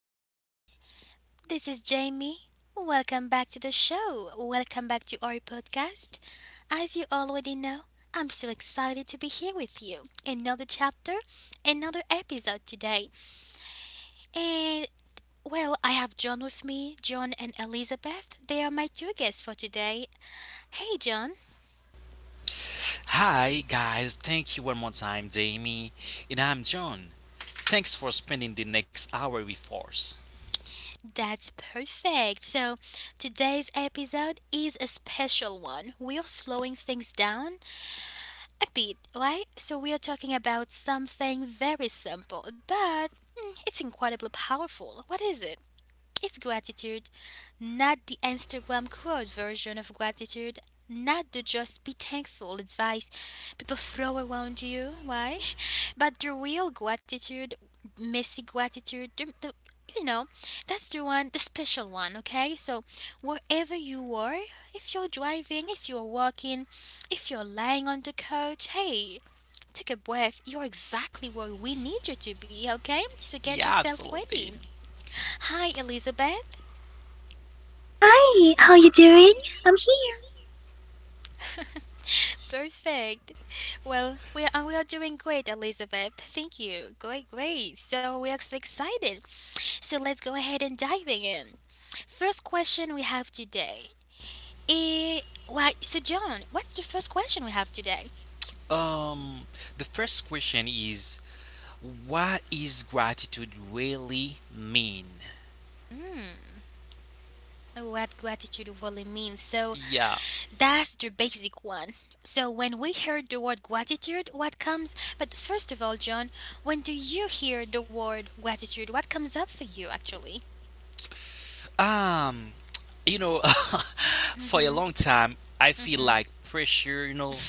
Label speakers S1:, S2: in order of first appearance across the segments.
S1: everyone. This is Jamie. Welcome back to the show. Welcome back to our podcast. As you already know, I'm so excited to be here with you. Another chapter, another episode today. And well, I have John with me, John and Elizabeth. They are my two guests for today. Hey, John.
S2: Hi, guys. Thank you one more time, Jamie. And I'm John. Thanks for spending the next hour with us.
S1: That's perfect. So, today's episode is a special one. We are slowing things down a bit, right? So we are talking about something very simple, but it's incredibly powerful. What is it? It's gratitude, not the Instagram quote version of gratitude, not the just be thankful advice people throw around you. Why? But the real gratitude, messy gratitude, you know, that's the one, the special one, okay? So, wherever you are, if you're driving, if you're walking, if you're lying on the couch, hey, take a breath. You're exactly where we need you to be, okay? So, get
S2: Yeah,
S1: yourself
S2: absolutely.
S1: ready. Hi, Elizabeth.
S3: Hi, how you doing? I'm here.
S1: Perfect. Well, we are, and we are doing great, Elizabeth. Thank you. Great, great. So we are so excited. So let's go ahead and diving in. First question we have today. Eh, why? So John, what's the first question we have today?
S2: Um, the first question is what is gratitude really mean?
S1: Hmm. What gratitude really means. So
S2: Yeah.
S1: that's the basic one. So when we heard the word gratitude, what comes? But first of all, John, when do you hear the word gratitude? What comes up for you actually?
S2: Um, you know, for a
S1: Mm-hmm,
S2: long time, I feel
S1: mm-hmm.
S2: like pressure, you know,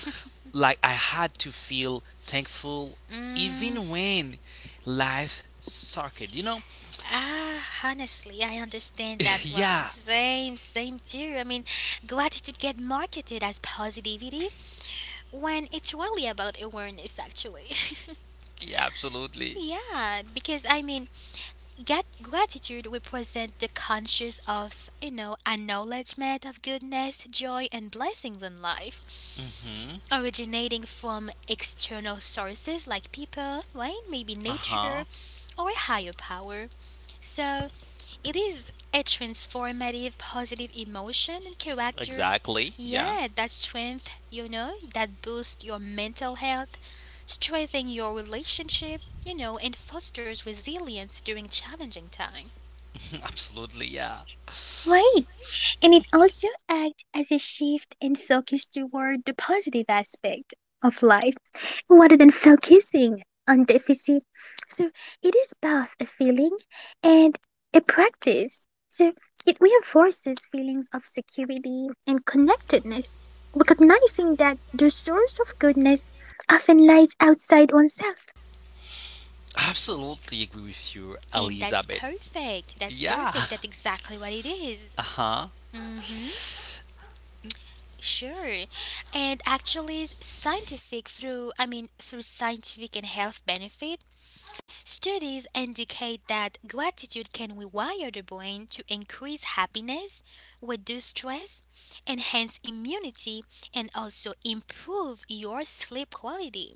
S2: like I had to feel thankful
S1: Mm,
S2: even when life sucked, you know?
S1: ah, honestly, I understand that one.
S2: yeah,
S1: Same, same too. I mean, gratitude get marketed as positivity when it's really about awareness, actually.
S2: yeah, absolutely.
S1: Yeah, because I mean, get gratitude represent the conscious of, you know, acknowledgement of goodness, joy, and blessings in life,
S2: Mm-hmm.
S1: originating from external sources like people, right? Maybe nature,
S2: Uh-huh.
S1: or a higher power. So, it is a transformative positive emotion and character.
S2: Exactly. Yeah.
S1: Yeah, that strength, you know, that boosts your mental health, strengthens your relationship, you know, and fosters resilience during challenging time.
S2: absolutely. Yeah.
S3: Right. And it also acts as a shift and focus toward the positive aspect of life rather than focusing on deficit. So it is both a feeling and a practice. So it reinforces feelings of security and connectedness, recognizing that the source of goodness often lies outside oneself.
S2: Absolutely agree with you,
S1: And that's
S2: Elizabeth.
S1: perfect. That's perfect.
S2: Yeah.
S1: That's exactly what it is.
S2: Uh-huh.
S1: Mm-hmm. Sure. And actually scientific through I mean through scientific and health benefit studies indicate that gratitude can rewire the brain to increase happiness, reduce stress, enhance immunity, and also improve your sleep quality.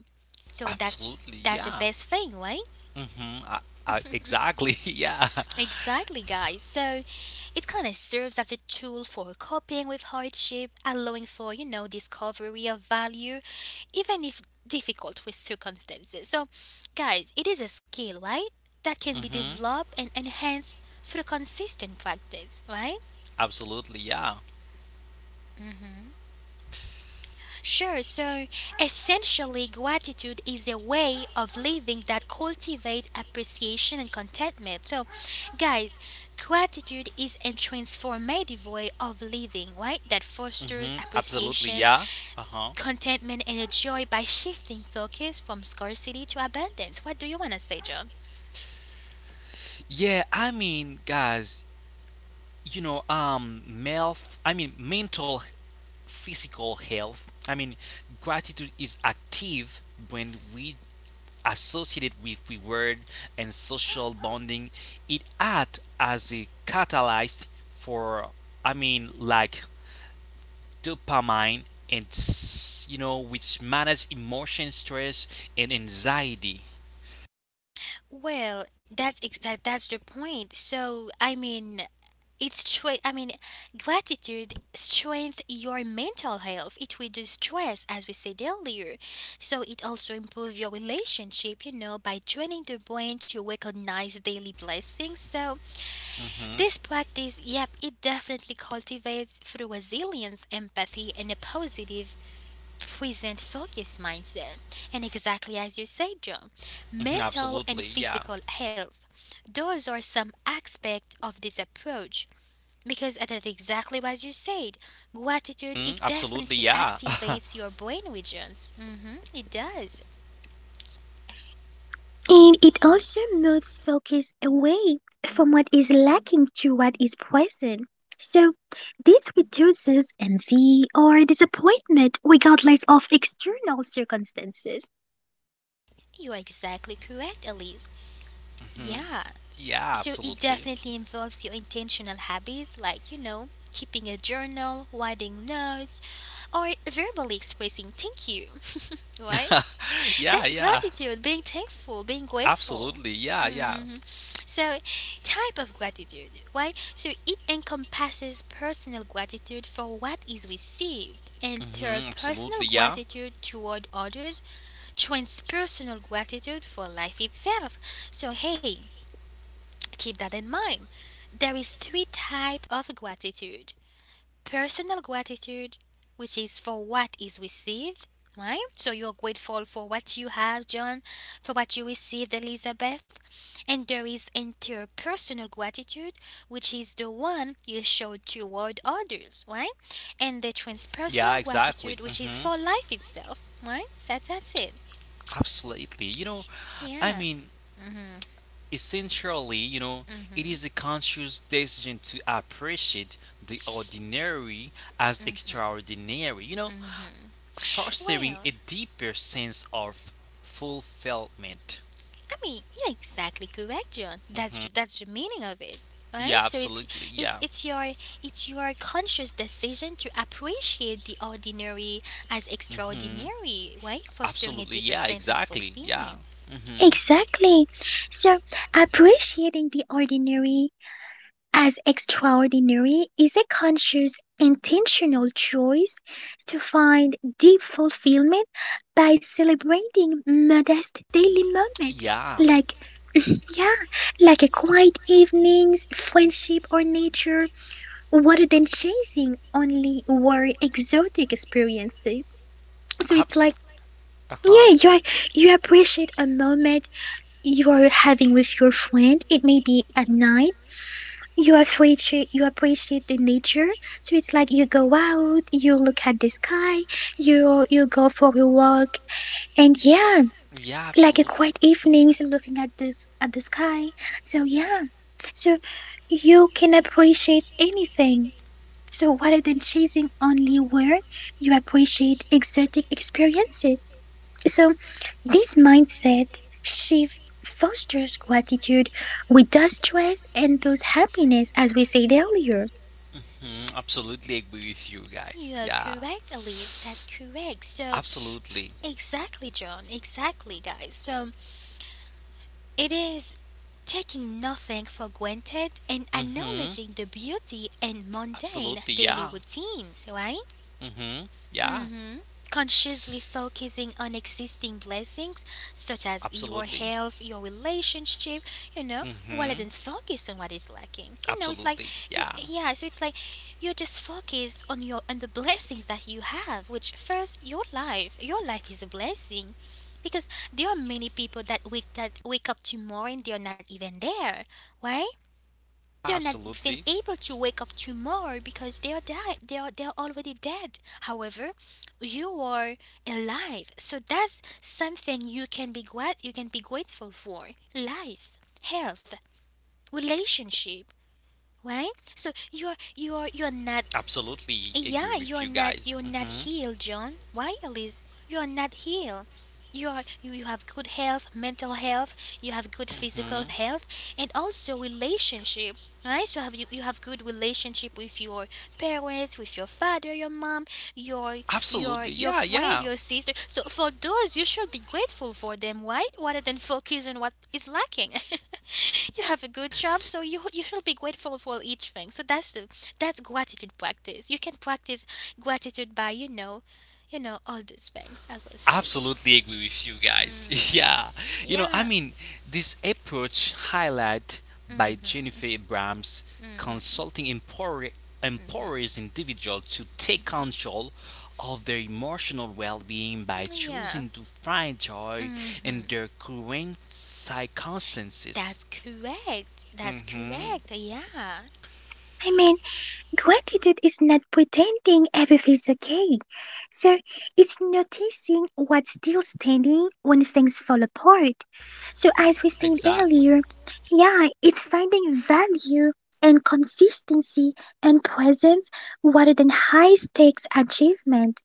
S1: So that's
S2: Absolutely.
S1: that's the
S2: Yeah.
S1: best thing, right?
S2: Mm-hmm. Exactly. Yeah.
S1: Exactly, guys. So it kind of serves as a tool for coping with hardship, allowing for, you know, discovery of value, even if difficult with circumstances. So, guys, it is a skill, right? That can be
S2: Mm-hmm.
S1: developed and enhanced through consistent practice, right?
S2: Absolutely. Yeah.
S1: Sure, so essentially gratitude is a way of living that cultivates appreciation and contentment. So guys, gratitude is a transformative way of living, right? That
S2: Mm-hmm.
S1: fosters
S2: Absolutely.
S1: appreciation,
S2: Yeah. Uh-huh.
S1: contentment and joy by shifting focus from scarcity to abundance. What do you want to say, John?
S2: Yeah, I mean, guys, you know, health, I mean, mental physical health. I mean, gratitude is active when we associate it with reward and social bonding. It acts as a catalyst for, I mean, like dopamine and you know, which manage emotion, stress, and anxiety.
S1: Well, that's the point. So, I mean, It stra- I mean, gratitude strengthens your mental health. It reduces stress, as we said earlier. So it also improves your relationship, you know, by training the brain to recognize daily blessings. So
S2: hmm
S1: this practice, yep, it definitely cultivates through resilience, empathy, and a positive present focus mindset. And exactly as you said, Joe,
S2: hmm
S1: mental and
S2: absolutely, yeah.
S1: physical health. Those are some aspects of this approach because that's exactly what you said. Gratitude,
S2: Mhm,
S1: it
S2: absolutely,
S1: definitely
S2: yeah.
S1: activates your brain regions. Hmm, it does.
S3: And it also moves focus away from what is lacking to what is present. So this reduces envy or disappointment regardless of external circumstances.
S1: You are exactly correct, Elise.
S2: hmm
S1: Yeah.
S2: yeah,
S1: So it
S2: absolutely.
S1: definitely involves your intentional habits, like, you know, keeping a journal, writing notes, or verbally expressing thank you, right?
S2: Yeah,
S1: That's
S2: yeah.
S1: gratitude, being thankful, being grateful.
S2: Absolutely, yeah, yeah.
S1: Mhm. So, type of gratitude, right? So, it encompasses personal gratitude for what is received,
S2: hmm absolutely,
S1: interpersonal
S2: yeah.
S1: gratitude toward others, transpersonal gratitude for life itself. So, hey, keep that in mind. There is three type of gratitude. Personal gratitude, which is for what is received, right? So you're grateful for what you have, John, for what you received, Elizabeth. And there is interpersonal gratitude, which is the one you show toward others, right? And the
S2: Yeah,
S1: transpersonal
S2: exactly.
S1: gratitude, which is
S2: hmm
S1: for life itself, right? So that's it.
S2: Absolutely. You know, I
S1: Yeah.
S2: mean, essentially, you know, it is a conscious decision to appreciate the ordinary as extraordinary, you know, fostering
S1: Well,
S2: a deeper sense of fulfillment.
S1: I mean, you're exactly correct, John. That's
S2: hmm
S1: that's the meaning of it, right?
S2: Yeah,
S1: So
S2: absolutely.
S1: it's
S2: Yeah.
S1: it's your it's your conscious decision to appreciate the ordinary as
S2: hmm
S1: extraordinary, right? Fostering a
S2: Absolutely.
S1: deeper
S2: Yeah,
S1: sense of
S2: exactly. Yeah.
S1: fulfillment.
S2: hmm
S3: Exactly. So, appreciating the ordinary as extraordinary is a conscious, intentional choice to find deep fulfillment by celebrating modest daily moments
S2: Yeah.
S3: like yeah, like a quiet evenings, friendship or nature, rather than chasing only or exotic experiences. So it's like
S2: Abs- uh
S3: yeah,
S2: huh.
S3: you are, you appreciate a moment you are having with your friend. It may be at night. You appreciate the nature, so it's like you go out, you look at the sky, you go for a walk, and yeah,
S2: Yeah,
S3: like a
S2: absolutely.
S3: quiet evenings looking at this at the sky. So yeah, so you can appreciate anything. So rather than chasing only work, you appreciate exotic experiences. So this mindset shift fosters gratitude with that stress and those happiness as we said earlier.
S2: Mhm, absolutely agree with you
S1: You
S2: guys.
S1: are
S2: Yeah.
S1: correct, Elise. That's correct. So
S2: Absolutely.
S1: exactly, John. Exactly, guys. So it is taking nothing for granted and
S2: Mm-hmm.
S1: acknowledging the beauty and mundane
S2: Absolutely.
S1: daily
S2: Yeah.
S1: routines, right?
S2: Mm-hmm. Yeah.
S1: Hmm. Consciously focusing on existing blessings such as your
S2: Absolutely.
S1: health, your relationship, you know, rather than
S2: Mm-hmm.
S1: focus on what is lacking. You know, it's like
S2: Absolutely.
S1: you,
S2: Yeah.
S1: yeah. So it's like you just focus on your on the blessings that you have. Which first, your life is a blessing, because there are many people that wake up tomorrow and they are not even there. Why? They're not
S2: Absolutely.
S1: even able to wake up tomorrow because they are already dead. However, you are alive, so that's something you can you can be grateful for. Life, health, relationship, right? So you are not
S2: Absolutely agree
S1: yeah,
S2: with you guys.
S1: you're
S2: Mm-hmm.
S1: not healed, John. Why, Elise? You're not healed. You have good health, mental health, you have good
S2: Mm-hmm.
S1: physical health and also relationship. Right? So you have good relationship with your parents, with your father, your mom, your
S2: Absolutely.
S1: your
S2: Yeah,
S1: your
S2: yeah.
S1: friend, your sister. So for those you should be grateful for them, right? Rather than focus on what is lacking. You have a good job, so you should be grateful for each thing, so that's gratitude practice. You can practice gratitude by, you know, you know all these things as I said.
S2: Absolutely agree with you guys.
S1: mm,
S2: yeah. You know, I
S1: yeah.
S2: mean, this approach highlight by
S1: Hmm.
S2: Jennifer Abrams
S1: Hmm,
S2: consulting empowers individual to take control of their emotional well-being by
S1: yeah.
S2: choosing to find joy in
S1: Hmm,
S2: their current circumstances.
S1: that's correct, that's
S2: Mhm.
S1: correct, yeah.
S3: I mean, gratitude is not pretending everything's okay. So it's noticing what's still standing when things fall apart. So, as we said
S2: Exactly.
S3: earlier, yeah, it's finding value and consistency and presence rather than high stakes achievement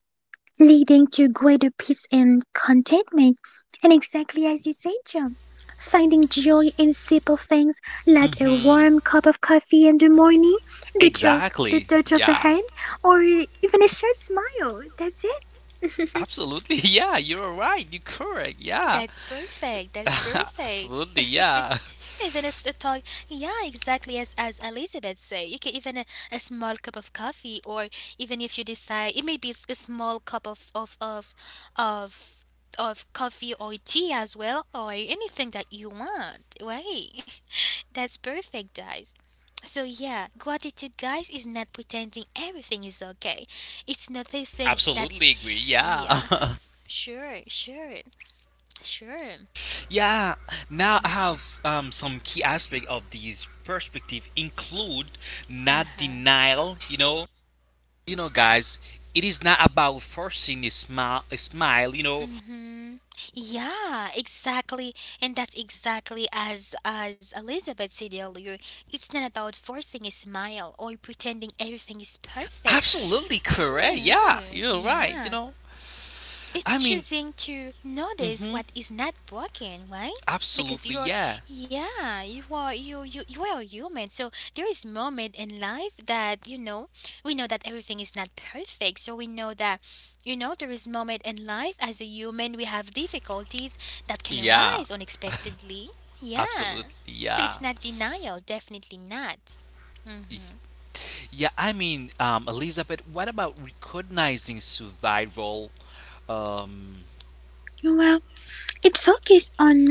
S3: leading to greater peace and contentment. And exactly as you said, John, finding joy in simple things like a
S2: Mhm.
S3: warm cup of coffee in the morning, the, tro- the
S2: Exactly.
S3: touch of a
S2: Yeah.
S3: hand, or even a short smile. That's it.
S2: Absolutely. Yeah, you're right. You're correct. Yeah.
S1: That's perfect. That's perfect.
S2: Absolutely, yeah.
S1: Even a, a toy, yeah, exactly as Elizabeth said. You can even a small cup of coffee, or even if you decide, it may be a small cup of of coffee or tea as well, or anything that you want. Right? That's perfect, guys. So yeah, gratitude, guys, is not pretending everything is okay. It's noticing that's
S2: Absolutely agree,
S1: yeah,
S2: yeah.
S1: sure, sure, sure.
S2: yeah, now I
S1: Mm-hmm.
S2: have some key aspect of these perspective include not
S1: Uh-huh.
S2: denial, you know. You know, guys, it is not about forcing a smile, you know.
S1: Mm-hmm. Yeah, exactly. And that's exactly as Elizabeth said earlier. It's not about forcing a smile or pretending everything is perfect.
S2: Absolutely correct,
S1: No.
S2: yeah. You're right, you
S1: Yeah.
S2: know. I
S1: It's
S2: mean,
S1: choosing to notice
S2: mhm,
S1: what is not broken, right? Because
S2: absolutely,
S1: you're,
S2: yeah.
S1: yeah, you are, you are human. So there is moment in life that, you know, we know that everything is not perfect. So we know that, you know, there is moment in life as a human we have difficulties that can
S2: Yeah,
S1: arise unexpectedly. Yeah.
S2: absolutely,
S1: So it's
S2: yeah.
S1: not denial, definitely not. Mhm.
S2: Yeah, I mean, Elizabeth, what about recognizing survival? Um,
S3: Well, it focuses on,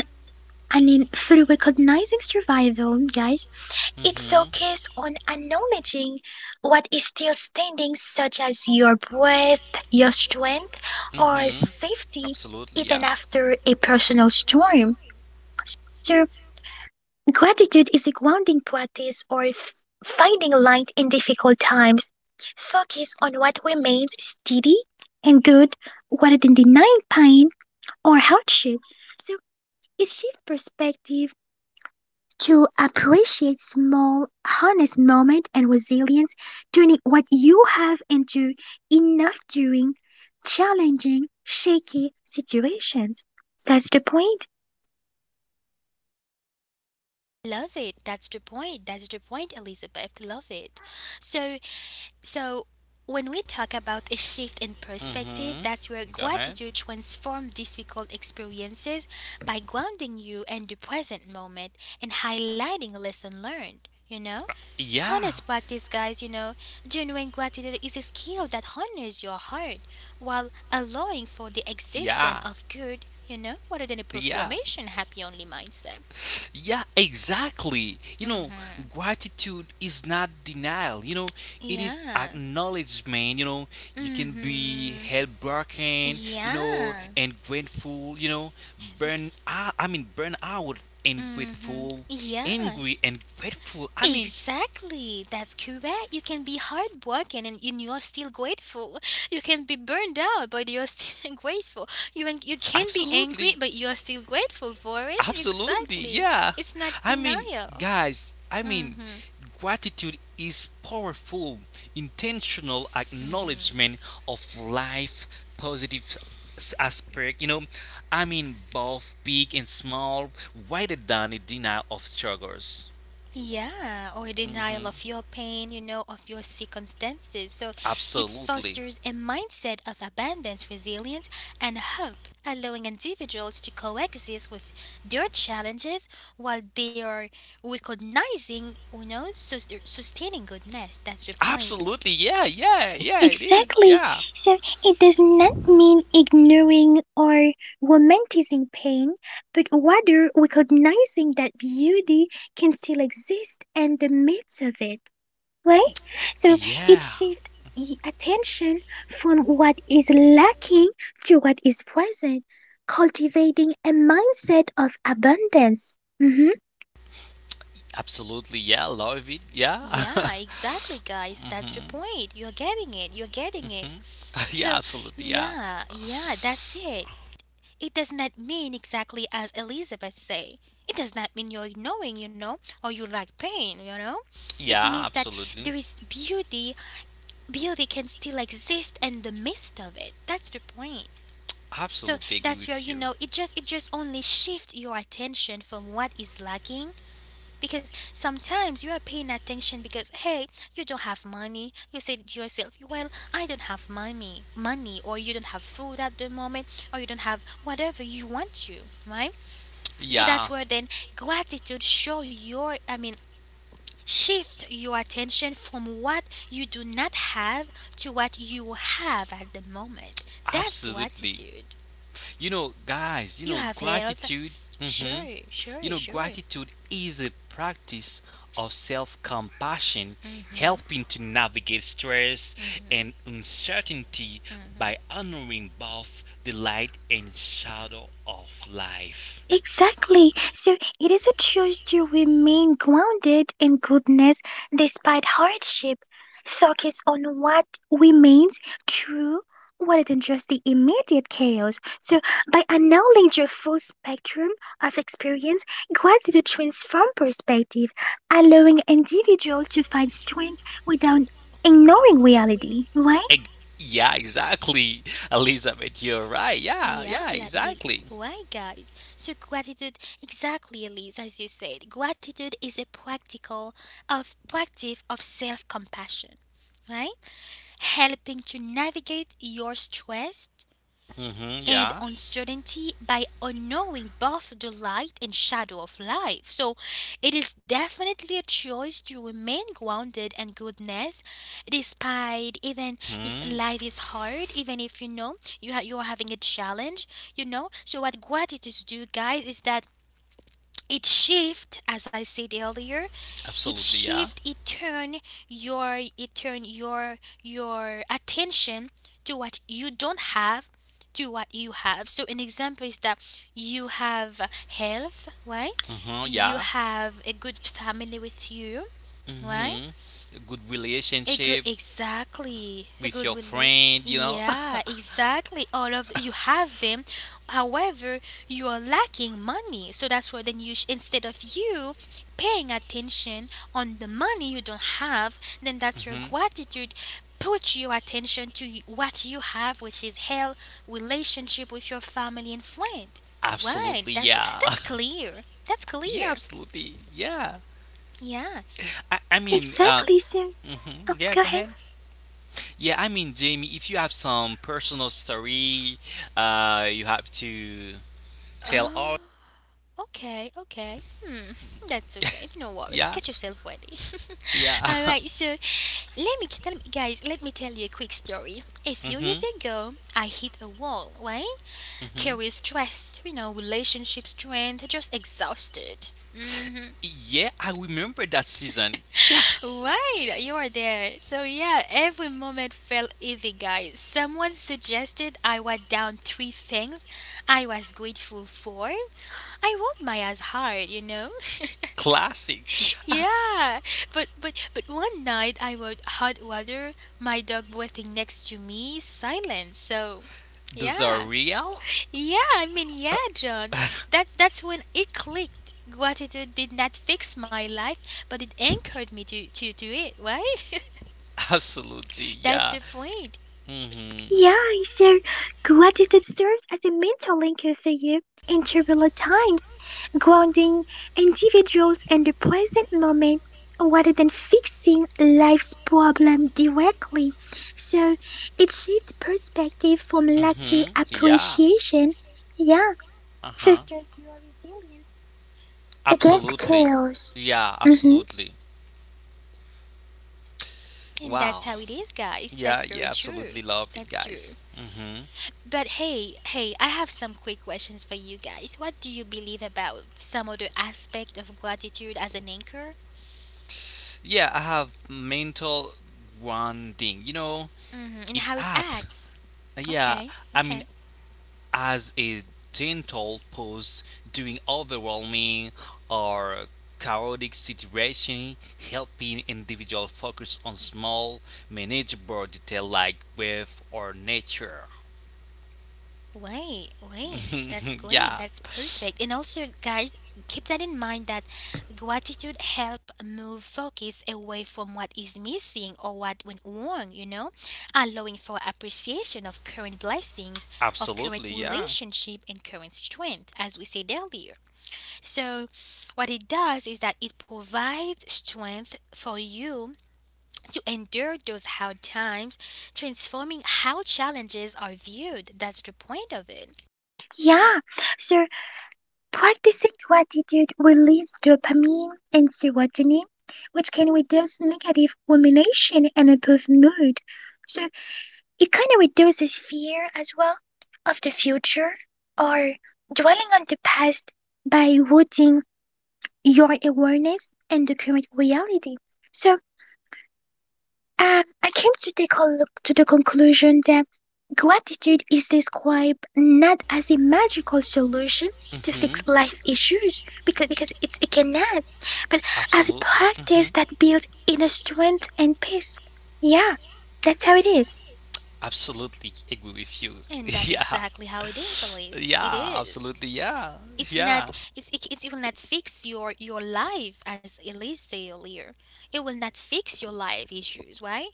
S3: I mean, through recognizing survival, guys, it
S2: mm-hmm,
S3: focuses on acknowledging what is still standing, such as your breath, your strength, or
S2: mm-hmm,
S3: safety,
S2: absolutely,
S3: even
S2: yeah.
S3: after a personal storm. So, gratitude is a grounding practice or finding light in difficult times. Focus on what remains steady and good rather than denying pain or hardship. So it shifts perspective to appreciate small, honest moments and resilience, turning what you have into enough during challenging, shaky situations. That's the point.
S1: Love it. That's the point. That's the point, Elizabeth. Love it. So So, when we talk about a shift in perspective,
S2: Mm-hmm.
S1: that's where
S2: Go ahead.
S1: gratitude transforms difficult experiences by grounding you in the present moment and highlighting lesson learned. You know,
S2: Yeah,
S1: honest practice, guys. You know, genuine gratitude is a skill that honors your heart while allowing for the existence
S2: yeah,
S1: of good. You know, rather than a
S2: yeah.
S1: performation happy only mindset.
S2: Yeah, exactly. You know,
S1: Mm-hmm.
S2: gratitude is not denial. You know, it is
S1: Yeah.
S2: acknowledgement. You know, you can be
S1: Mm-hmm.
S2: heartbroken. You know,
S1: Yeah.
S2: and grateful. You know, burn. Out I mean, burn out and
S1: Mm-hmm.
S2: grateful,
S1: Yeah,
S2: angry and grateful. I mean,
S1: exactly. That's correct. You can be hardworking and you're still grateful. You can be burned out, but you're still grateful. You can be angry,
S2: absolutely.
S1: but you're still grateful for it.
S2: Absolutely,
S1: Exactly.
S2: yeah.
S1: It's not
S2: I mean,
S1: denial.
S2: guys, I mean,
S1: Mm-hmm.
S2: gratitude is powerful, intentional
S1: Mm-hmm.
S2: acknowledgement of life, positive aspect, you know. I mean, both big and small, rather than a denial of struggles.
S1: Yeah, or denial
S2: hmm
S1: of your pain, you know, of your circumstances. So it
S2: Absolutely.
S1: fosters a mindset of abundance, resilience, and hope, allowing individuals to coexist with their challenges while they are recognizing, you know, sustaining goodness. That's the point.
S2: Absolutely, yeah, yeah, yeah, it is,
S3: Exactly.
S2: yeah.
S3: So it does not mean ignoring or romanticizing pain, but rather recognizing that beauty can still exist in the midst of it, right? So it
S2: Yeah,
S3: shifts attention from what is lacking to what is present, cultivating a mindset of abundance. Mhm.
S2: absolutely, yeah, love it, yeah.
S1: Yeah, exactly, guys. That's the point. You're getting it. You're getting it.
S2: hmm yeah,
S1: So,
S2: absolutely. Yeah.
S1: yeah, yeah, that's it. It does not mean exactly as Elizabeth say. It does not mean you're ignoring, you know, or you like pain, you know. It
S2: Yeah,
S1: means that
S2: absolutely.
S1: there is beauty. Beauty can still exist in the midst of it. That's the point. So
S2: Absolutely agree
S1: that's your,
S2: with
S1: you
S2: you.
S1: know, it just only shifts your attention from what is lacking, because sometimes you are paying attention because hey, you don't have money. You say to yourself, well, I don't have money or you don't have food at the moment or you don't have whatever you want to, right? So
S2: Yeah.
S1: that's where then gratitude show your I mean shift your attention from what you do not have to what you have at the moment. That's
S2: Absolutely.
S1: gratitude.
S2: You know, guys, you
S1: You
S2: know,
S1: have health.
S2: gratitude. hmm
S1: Sure,
S2: You
S1: sure,
S2: know,
S1: sure.
S2: gratitude is a practice of self compassion,
S1: Mm-hmm.
S2: helping to navigate stress and uncertainty by honoring both the light and shadow of life.
S3: Exactly. So it is a choice to remain grounded in goodness despite hardship. Focus on what remains true rather than just the immediate chaos. So by acknowledging your full spectrum of experience, gratitude transforms perspective, allowing individual to find strength without ignoring reality, right?
S2: Ex- yeah, exactly. Elizabeth, you're right. Yeah,
S1: Yeah,
S2: yeah,
S1: like, yeah,
S2: exactly.
S1: why, guys? So, gratitude, exactly, Elise, as you said, gratitude is a practical of practice of self compassion, right? Helping to navigate your stress,
S2: Mm-hmm,
S1: and
S2: yeah.
S1: uncertainty by unknowing both the light and shadow of life. So it is definitely a choice to remain grounded in goodness despite even if
S2: hmm
S1: life is hard, even if you know you're having a challenge, you know. So what gratitude do, guys, is that it shift as I said earlier, it
S2: Absolutely, yeah.
S1: shift it turn your attention to what you don't have to what you have. So an example is that you have health, right?
S2: Mm-hmm,
S1: You
S2: yeah.
S1: have a good family with you, right?
S2: Mm-hmm. A good
S1: A good,
S2: relationship
S1: exactly. A
S2: with
S1: good
S2: your
S1: relate.
S2: friend, you know,
S1: Yeah, exactly. All of you have them. However, you are lacking money. So that's where then instead of you paying attention on the money you don't have, then that's your
S2: hmm
S1: gratitude. Put your attention to what you have, which is health, relationship with your family and friend. Right?
S2: absolutely,
S1: That's
S2: yeah.
S1: that's clear. That's
S2: yeah,
S1: clear.
S2: absolutely, yeah.
S1: Yeah.
S2: I mean,
S3: Exactly. So oh,
S2: mhm, yeah,
S3: go
S2: go
S3: ahead.
S2: ahead. Yeah, I mean, Jamie, if you have some personal story, you have to tell
S1: Oh.
S2: all.
S1: Okay, okay. Hmm, that's okay. No worries.
S2: Yeah,
S1: Get yourself ready.
S2: yeah.
S1: All right. So let me tell guys. Let me tell you a quick story. A few
S2: hmm
S1: years ago, I hit a wall. Right?
S2: hmm
S1: Career stressed. You know, relationship strained. Just exhausted. Mm-hmm.
S2: Yeah, I remember that season. Yeah,
S1: Right, you are there. So yeah, every moment felt heavy, guys. Someone suggested I write down three things I was grateful for. I worked my ass hard, you know.
S2: classic.
S1: Yeah, but one night I would hot water, my dog breathing next to me, silence. So,
S2: Those are
S1: yeah,
S2: real.
S1: yeah. I mean, yeah, John. That's when it clicked. Gratitude did not fix my life, but it anchored me to it. Right?
S2: Absolutely,
S1: That's
S2: yeah.
S1: the point,
S2: hmm
S3: Yeah, so gratitude serves as a mental anchor for you in turbulent times, grounding individuals in the present moment rather than fixing life's problem directly. So it shifts perspective from lack to
S2: hmm Yeah.
S3: appreciation. Yeah,
S2: Uh-huh.
S3: fosters your resilience against
S2: Absolutely.
S3: chaos.
S2: Yeah,
S3: Mm-hmm.
S2: absolutely.
S1: and that's
S2: Wow.
S1: how it is, guys.
S2: Yeah,
S1: That's very
S2: yeah,
S1: true.
S2: absolutely love it,
S1: That's
S2: guys.
S1: true. But hey, hey, I have some quick questions for you guys. What do you believe about some other aspect of gratitude as an anchor?
S2: Yeah, I have mental grounding. You know,
S1: Hmm. And
S2: it
S1: how it
S2: adds.
S1: acts.
S2: Yeah,
S1: Okay,
S2: I mean,
S1: okay.
S2: as a gentle pause during overwhelming or chaotic situation, helping individual focus on small, manageable detail like breath or nature.
S1: Wait, wait. That's great.
S2: yeah,
S1: That's perfect. And also, guys, keep that in mind that gratitude help move focus away from what is missing or what went wrong, you know, allowing for appreciation of current blessings, of current
S2: absolutely, yeah.
S1: relationship and current strength, as we said earlier. So, what it does is that it provides strength for you to endure those hard times, transforming how challenges are viewed. That's the point of it.
S3: Yeah, so practicing gratitude releases dopamine and serotonin, which can reduce negative rumination and improve mood. So it kind of reduces fear as well of the future or dwelling on the past by rooting your awareness in the current reality. So I came to the con- to the conclusion that gratitude is described not as a magical solution to
S2: hmm
S3: fix life issues because it cannot, but as a
S2: Absolutely. Hmm
S3: practice that builds inner strength and peace. Yeah, that's how it is.
S2: Absolutely agree with you.
S1: And that's
S2: yeah.
S1: exactly how it is, Elise. It
S2: Yeah,
S1: is.
S2: absolutely. Yeah.
S1: It's not.
S2: Yeah.
S1: It will not fix your life, as Elise said earlier. It will not fix your life issues, right?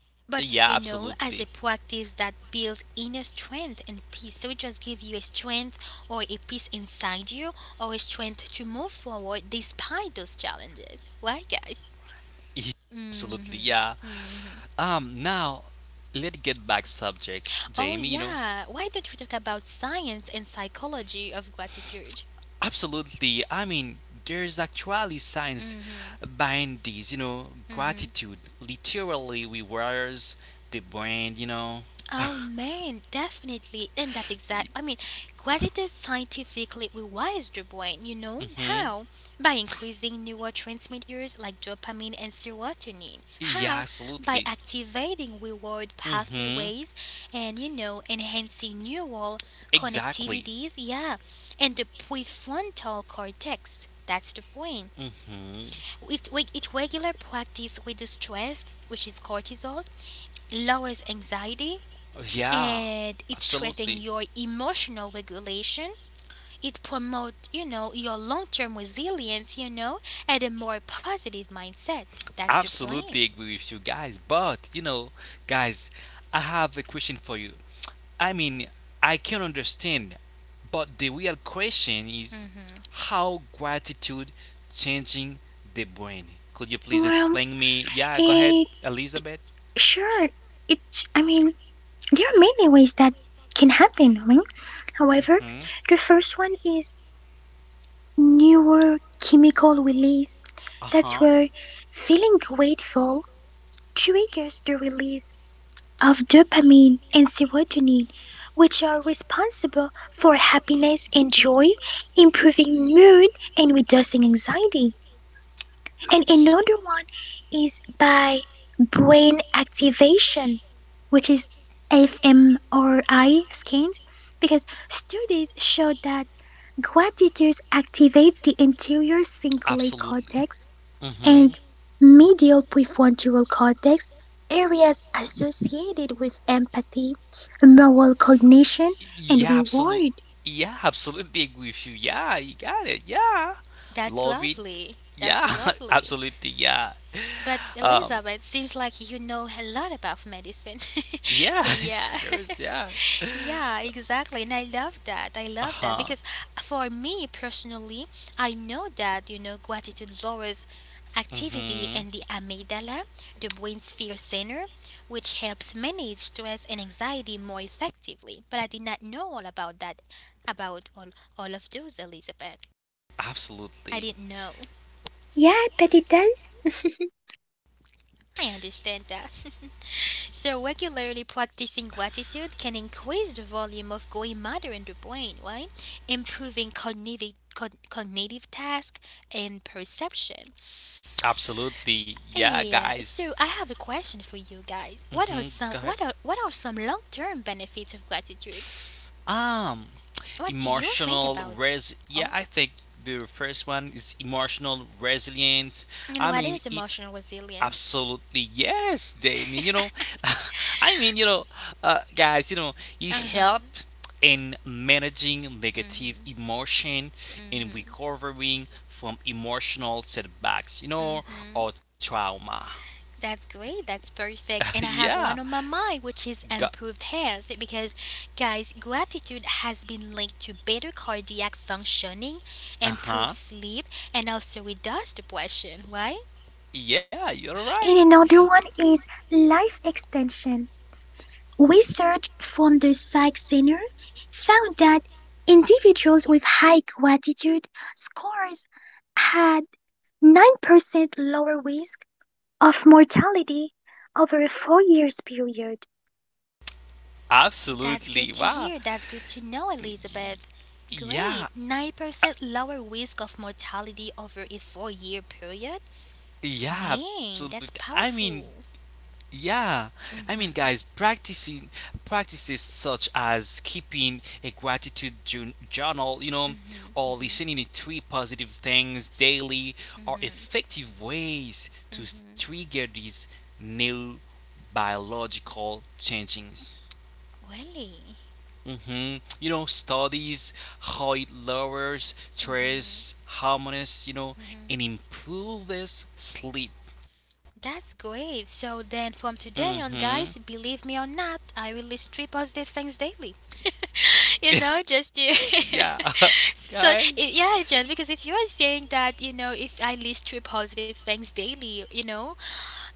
S2: Yeah,
S1: But you
S2: absolutely.
S1: know, as a practice that builds inner strength and peace, so it just gives you a strength or a peace inside you, or a strength to move forward despite those challenges, right, guys?
S2: Absolutely, yeah.
S1: Hmm. Hmm.
S2: Now let's get back subject, Jamie.
S1: Oh
S2: You know,
S1: yeah. Why don't we talk about science and psychology of gratitude?
S2: absolutely. I mean, there's actually science
S1: Hmm.
S2: behind this. You know,
S1: Hmm.
S2: gratitude literally rewires the brain. You know.
S1: Oh man, definitely. And that's exact. I mean, gratitude scientifically rewires the brain, you know?
S2: Mhm.
S1: How? By increasing neurotransmitters like dopamine and serotonin.
S2: Yeah,
S1: How? By
S2: absolutely.
S1: activating reward
S2: Mhm.
S1: pathways and, you know, enhancing neural
S2: Exactly.
S1: connectivities. Yeah. And the prefrontal cortex. That's the point.
S2: Mhm.
S1: It regular practice with the stress, which is cortisol, lowers anxiety
S2: Yeah,
S1: and it strengthens
S2: absolutely.
S1: your emotional regulation. It promotes, you know, your long term resilience, you know, and a more positive mindset. That's the point.
S2: Absolutely agree with you guys. But you know, guys, I have a question for you. I mean, I can understand, but the real question is
S1: Hmm.
S2: how gratitude changing the brain. Could you please
S3: Well,
S2: explain me? Yeah, go ahead,
S3: eh,
S2: Elizabeth.
S3: sure. It's, I mean, there are many ways that can happen. I however,
S2: Mm-hmm.
S3: the first one is neurochemical release. That's
S2: Uh-huh.
S3: where feeling grateful triggers the release of dopamine and serotonin, which are responsible for happiness and joy, improving mood and reducing anxiety. And
S2: Absolutely.
S3: another one is by brain activation, which is fMRI scans, because studies show that gratitude activates the anterior cingulate
S2: Absolutely.
S3: cortex
S2: Mm-hmm.
S3: and medial prefrontal cortex, areas associated with empathy, moral cognition, and
S2: Yeah, absolutely.
S3: reward.
S2: Yeah, absolutely agree with you. Yeah, you got it. Yeah.
S1: That's
S2: Love it.
S1: lovely. That's
S2: Yeah,
S1: lovely.
S2: absolutely. Yeah.
S1: But
S2: Um,
S1: Elizabeth, seems like you know a lot about medicine.
S2: Yeah,
S1: Yeah.
S2: there is. Yeah.
S1: Yeah, exactly. And I love that. I
S2: Uh
S1: love that
S2: huh.
S1: because for me personally, I know that, you know, gratitude lowers activity
S2: Mm-hmm.
S1: in the amygdala, the brain's fear center, which helps manage stress and anxiety more effectively. But I did not know all about that, about all of those, Elizabeth. I
S2: Absolutely.
S1: didn't know.
S3: Yeah, but it does.
S1: I understand that. So, regularly practicing gratitude can increase the volume of grey matter in the brain, right? Improving cognitive cognitive task and perception.
S2: Absolutely. Yeah,
S1: Yeah.
S2: guys.
S1: So, I have a question for you guys.
S2: Mm-hmm. Go ahead.
S1: What are some long-term benefits of gratitude?
S2: Um,
S1: What do you think
S2: emotional
S1: about?
S2: res. Yeah,
S1: Oh,
S2: I think the first one is emotional resilience.
S1: and
S2: I
S1: what
S2: mean,
S1: is
S2: it
S1: emotional resilience?
S2: Absolutely, yes, Damien. You know, I mean, you know, guys, you know, it
S1: Uh-huh.
S2: helped in managing negative emotion and recovering from emotional setbacks, you know,
S1: Mm-hmm.
S2: or trauma.
S1: That's great. That's perfect. And I have
S2: yeah.
S1: one on my mind, which is
S2: Go-
S1: improved health. Because, guys, gratitude has been linked to better cardiac functioning, improved
S2: uh-huh.
S1: sleep, and also reduced depression, right?
S2: Yeah, you're right.
S3: And another one is life extension. Research from the Psych Center found that individuals with high gratitude scores had 9% lower risk of mortality over a 4 years period.
S1: That's good
S2: Absolutely.
S1: to
S2: Wow.
S1: hear. That's good to know,
S2: Y-
S1: Elizabeth. Great.
S2: Yeah.
S1: 9% lower risk of mortality over a four-year period.
S2: Yeah, absolutely.
S1: Man, that's
S2: I mean,
S1: powerful.
S2: yeah, I mean,
S1: Mm
S2: guys,
S1: hmm.
S2: practicing practices such as keeping a journal, you know,
S1: Mm hmm.
S2: or
S1: Mm hmm.
S2: listening to three positive things daily
S1: Mm
S2: are
S1: hmm.
S2: effective ways
S1: Mm
S2: to
S1: hmm.
S2: trigger these new biological changes.
S1: Really?
S2: You know, studies how it lowers stress, harmonies, you know, and improves sleep.
S1: That's great. So then from today
S2: Hmm
S1: on, guys, believe me or not, I release three positive things daily. You know, just to.
S2: yeah,
S1: So,
S2: guys.
S1: yeah, John, because if you are saying that, you know, if I list three positive things daily, you know,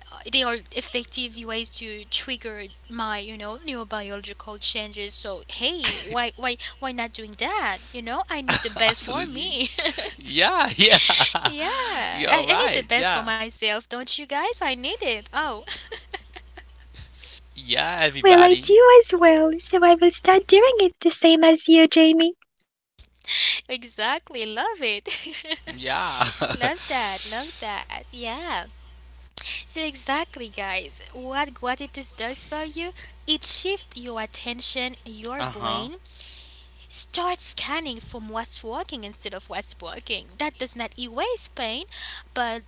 S1: they are effective ways to trigger my, you know, neurobiological changes. So, hey, why not doing that? You know, I need the best for
S2: Absolutely.
S1: me.
S2: Yeah, yeah.
S1: Yeah, I,
S2: You're
S1: I need the
S2: right.
S1: best for
S2: Yeah.
S1: myself, don't you guys? I need it. Oh,
S2: Yeah,
S3: Well, I
S2: everybody.
S3: do as well, so I will start doing it the same as you, Jamie.
S1: exactly, love it.
S2: Yeah.
S1: Love that, love that. Yeah. So exactly, guys, what gratitude does for you, it shifts your attention, your
S2: uh huh.
S1: brain start scanning from what's working instead of what's broken. That does not erase pain, but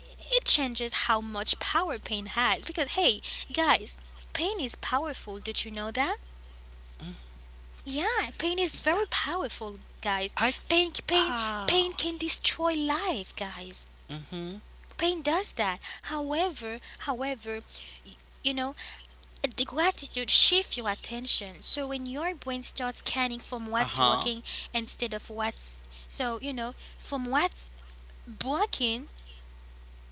S1: it changes how much power pain has because hey, guys, pain is powerful, did you know that? Yeah, pain is
S2: Yeah.
S1: very powerful, guys.
S2: I.
S1: Pain, pain,
S2: Ah.
S1: pain can destroy life, guys.
S2: Mm hmm.
S1: Pain does that. However, however, y- you know, the gratitude shifts your attention. So when your brain starts scanning from
S2: Uh
S1: what's
S2: huh.
S1: working instead of what's, so you know, from what's broken,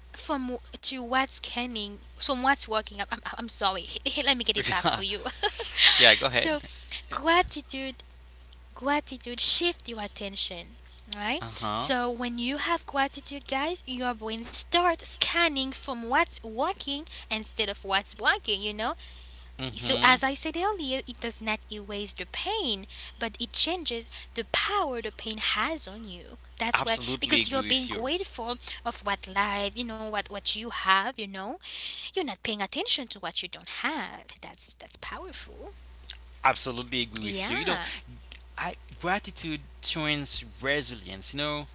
S1: to what's scanning from what's working. I'm sorry. Let me get it back
S2: Yeah.
S1: for you.
S2: Yeah, go ahead.
S1: So gratitude gratitude shift your attention, right?
S2: Uh huh.
S1: So when you have gratitude, guys, your brain start scanning from what's working instead of what's blocking, you know.
S2: Mm
S1: So as
S2: hmm.
S1: I said earlier, it does not erase the pain, but it changes the power the pain has on you. That's why, because
S2: Absolutely
S1: you're
S2: agree
S1: being
S2: with you.
S1: grateful of what life, you know, what you have, you know, you're not paying attention to what you don't have. That's powerful.
S2: Absolutely agree with you. You know,
S1: Yeah.
S2: I gratitude trains resilience. You know,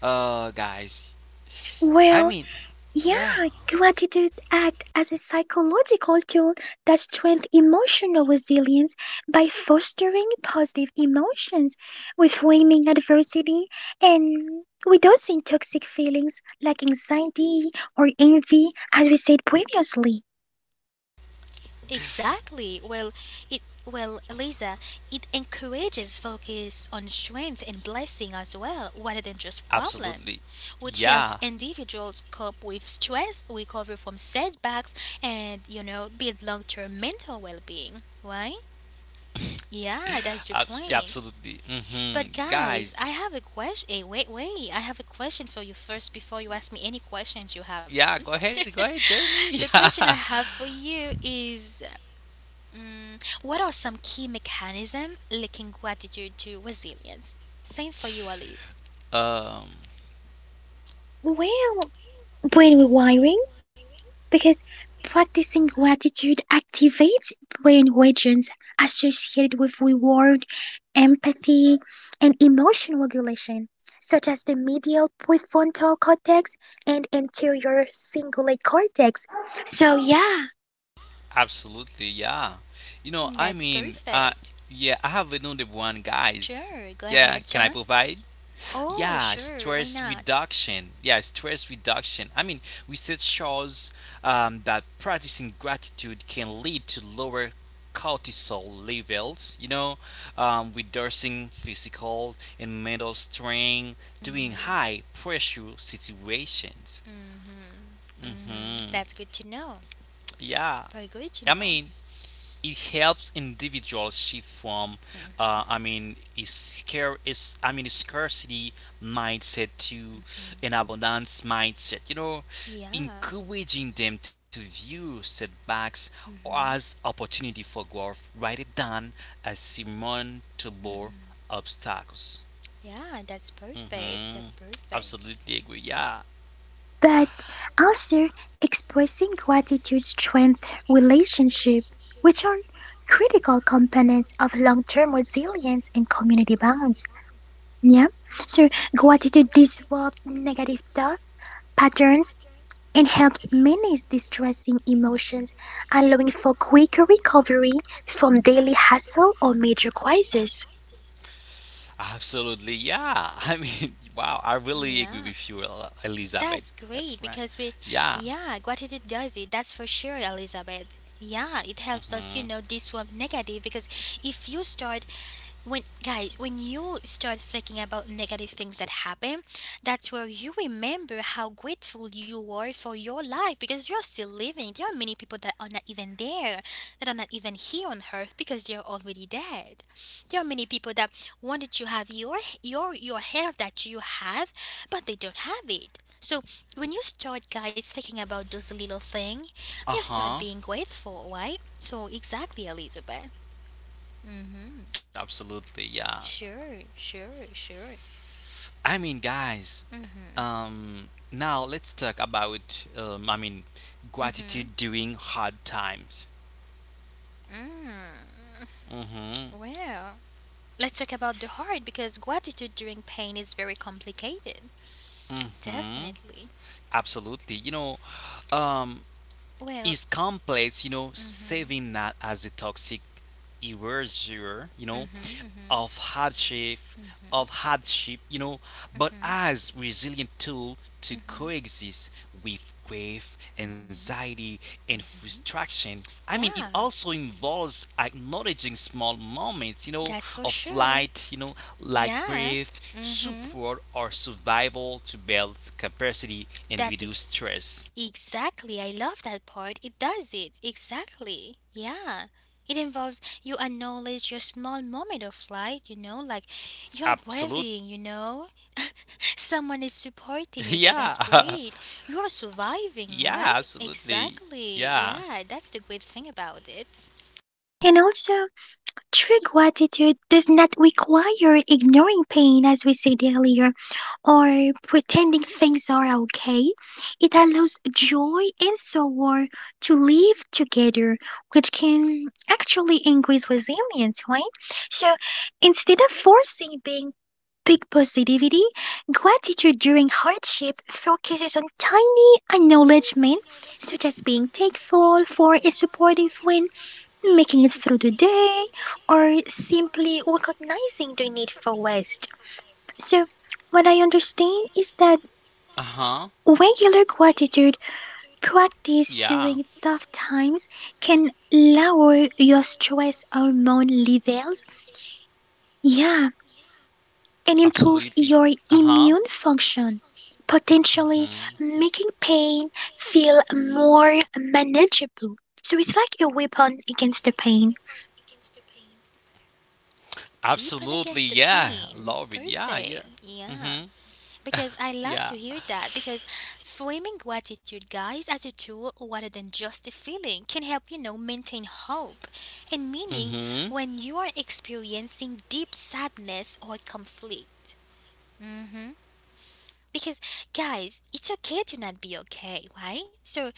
S2: guys. I
S3: Well,
S2: mean,
S3: yeah,
S2: yeah.
S3: gratitude acts as a psychological tool that strengthens emotional resilience by fostering positive emotions, reframing adversity, and reducing toxic feelings like anxiety or envy, as we said previously.
S1: Exactly. Well, it, well, Lisa, it encourages focus on strength and blessing as well, rather than just
S2: Absolutely.
S1: problems, which helps
S2: Yeah.
S1: individuals cope with stress, recover from setbacks, and you know, build long-term mental well-being. Right? Yeah, that's the
S2: Yeah,
S1: point.
S2: absolutely.
S1: But guys, I
S2: Guys,
S1: have a question. Hey, wait, wait. I have a question for you first before you ask me any questions you have, John.
S2: yeah, go ahead, Jamie.
S1: The question I
S2: Yeah.
S1: have for you is, mm, what are some key mechanisms linking gratitude to resilience? Same for you, Alice.
S2: Um,
S3: Well, brain rewiring because practicing gratitude activates brain regions associated with reward, empathy, and emotion regulation, such as the medial prefrontal cortex and anterior cingulate cortex. So, yeah,
S2: absolutely, yeah. You know, I
S1: That's
S2: mean,
S1: perfect.
S2: yeah, I have another one, guys.
S1: Sure, go
S2: Yeah,
S1: ahead,
S2: can I
S1: John.
S2: provide?
S1: Oh,
S2: Yeah,
S1: sure, why
S2: stress
S1: not?
S2: reduction. Yeah, stress reduction. I mean, research shows that practicing gratitude can lead to lower cortisol levels, you know, reducing physical and mental strain during
S1: Mm-hmm.
S2: high pressure situations.
S1: Mm-hmm. Mm-hmm. That's
S2: Hmm
S1: good to know.
S2: Yeah,
S1: Very good to
S2: I
S1: know.
S2: mean, it helps individuals shift from
S1: Mm-hmm.
S2: I mean is scare is I mean a scarcity mindset to an abundance mindset, you know,
S1: Yeah.
S2: encouraging them to view setbacks as
S1: Mm-hmm.
S2: opportunity for growth rather than as surmountable obstacles.
S1: Yeah, that's perfect. That's
S2: hmm
S1: perfect.
S2: Absolutely agree, yeah,
S3: but also expressing gratitude strengths relationship, which are critical components of long-term resilience and community bonds. Yeah. So gratitude disrupts negative thought patterns and helps manage distressing emotions, allowing for quicker recovery from daily hassle or major crisis.
S2: absolutely, yeah. I mean, wow, I
S1: Yeah.
S2: really agree with you,
S1: That's
S2: Elizabeth.
S1: great because
S2: That's
S1: we,
S2: right,
S1: yeah,
S2: yeah.
S1: gratitude does it. That's for sure, Elizabeth. Yeah, it helps us, you know,
S2: Mm-hmm.
S1: disrupt negative because if you start, when guys, when you start thinking about negative things that happen, that's where you remember how grateful you were for your life because you're still living. There are many people that are not even there, that are not even here on earth because they're already dead. There are many people that wanted to have your health that you have, but they don't have it. So when you start guys thinking about those little thing, you start being
S2: Uh-huh.
S1: grateful, right? So exactly, Elizabeth. Mm-hmm.
S2: Absolutely, yeah.
S1: Sure, sure, sure.
S2: I mean, guys,
S1: Mm-hmm.
S2: now let's talk about I mean
S1: Mm-hmm.
S2: gratitude during hard times.
S1: Mm.
S2: Mm-hmm.
S1: Well, let's talk about the heart because gratitude during pain is very complicated.
S2: Mm-hmm.
S1: Definitely.
S2: Absolutely. You know, um is
S1: Well,
S2: complex, you know,
S1: mm-hmm.
S2: saving that as a toxic erasure, you know,
S1: Mm-hmm. Mm-hmm.
S2: of hardship,
S1: Mm-hmm.
S2: of hardship, you know, but
S1: Mm-hmm.
S2: as resilient tool to coexist with grief,
S1: Mm-hmm.
S2: anxiety, and frustration. I mean, it
S1: Yeah,
S2: also involves acknowledging small moments, you know,
S1: that's for
S2: of
S1: sure.
S2: light, you know, like
S1: Yeah.
S2: breath,
S1: Mm-hmm.
S2: support, or survival to build capacity and
S1: That,
S2: reduce stress.
S1: exactly, I love that part. It does it. Exactly. Yeah. It involves you acknowledge your small moment of light, you know, like you're
S2: Absolutely.
S1: breathing, you know. Someone is supporting you, so that's
S2: Yeah.
S1: great. You are surviving,
S2: yeah,
S1: right?
S2: absolutely.
S1: Exactly.
S2: Yeah.
S1: Yeah, that's the great thing about it.
S3: And also, true gratitude does not require ignoring pain, as we said earlier, or pretending things are okay. It allows joy and sorrow to live together, which can actually increase resilience, right? So instead of forcing being big positivity, gratitude during hardship focuses on tiny acknowledgement, such as being thankful for a supportive friend, making it through the day, or simply recognizing the need for rest. So, what I understand is that
S2: Uh huh.
S3: regular gratitude practice during
S2: Yeah.
S3: tough times can lower your stress hormone levels, yeah, and improve your
S2: Absolutely.
S3: immune
S2: Uh huh.
S3: function, potentially
S2: hmm
S3: making pain feel more manageable. So it's like a weapon against the pain.
S1: Deep and
S2: Absolutely.
S1: against the
S2: Yeah.
S1: pain.
S2: Love it. Yeah. Yeah.
S1: Perfect.
S2: Mm
S1: Yeah.
S2: hmm.
S1: Because I love
S2: Yeah.
S1: to hear that. Because framing gratitude, guys, as a tool rather than just a feeling can help, you know, maintain hope and meaning
S2: Mm
S1: when
S2: hmm.
S1: you are experiencing deep sadness or conflict. Hmm. Because, guys, it's okay to not be okay, right? So,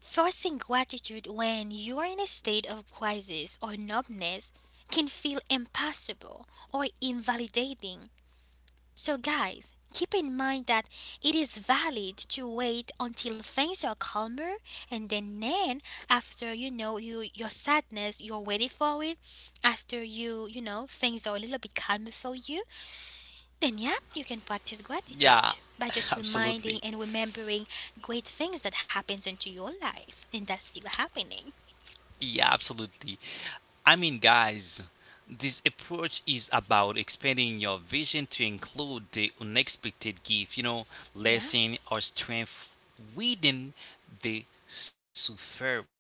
S1: forcing gratitude when you are in a state of crisis or numbness can feel impossible or invalidating. So, guys, keep in mind that it is valid to wait until things are calmer and then after, you know, you your sadness, you're waiting for it. After you, you know, things are a little bit calmer for you, then yeah, you can practice
S2: Yeah.
S1: gratitude by just reminding
S2: Absolutely.
S1: and remembering great things that happens into your life and that's still happening.
S2: Yeah. Absolutely. I mean, guys, this approach is about expanding your vision to include the unexpected gift, you know,
S1: Yeah,
S2: lesson or strength within the suffering.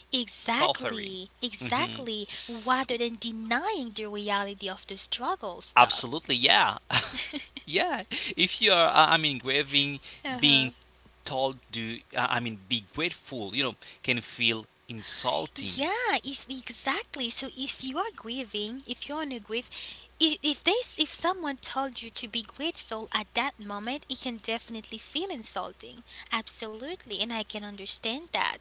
S2: Suffering.
S1: exactly,
S2: Hmm
S1: exactly. Rather than denying the reality of the struggle stuff.
S2: Absolutely, yeah. Yeah. If you are, I mean, grieving,
S1: Uh huh.
S2: being told to, I mean, be grateful, you know, can feel insulting.
S1: Yeah, if exactly. So if you are grieving, if you're on a grief, if this if someone told you to be grateful at that moment, it can definitely feel insulting. Absolutely, and I can understand that.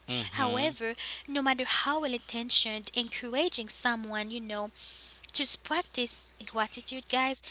S2: Hmm
S1: However, no matter how well intentioned, encouraging someone, you know, to practice gratitude, guys,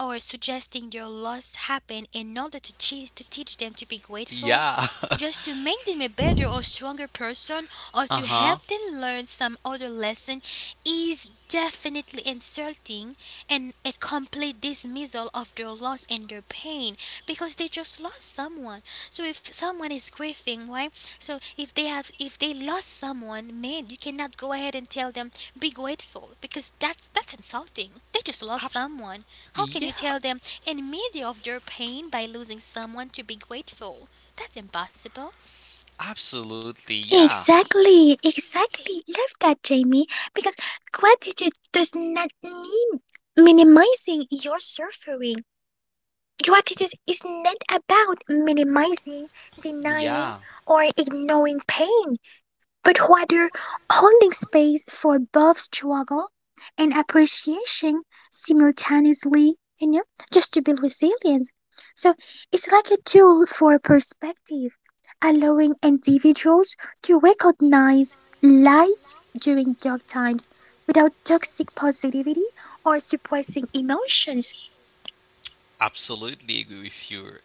S1: or suggesting their loss happened in order to, teach them to be grateful,
S2: Yeah.
S1: just to make them a better or stronger person, or
S2: uh
S1: to
S2: huh.
S1: help them learn some other lesson is definitely insulting and a complete dismissal of their loss and their pain because they just lost someone. So if someone is grieving, right? So if they lost someone, man, you cannot go ahead and tell them be grateful because that's insulting. They just lost
S2: Abs-
S1: someone. How can you
S2: yeah,
S1: tell them in media of their pain by losing someone to be grateful? That's impossible.
S2: absolutely. Yeah.
S3: Exactly, exactly. Love that, Jamie, because gratitude does not mean minimizing your suffering. Gratitude is not about minimizing, denying,
S2: Yeah.
S3: or ignoring pain but rather holding space for both struggle and appreciation simultaneously, you know, just to build resilience. So it's like a tool for perspective, allowing individuals to recognize light during dark times without toxic positivity or suppressing emotions.
S2: Absolutely agree with you,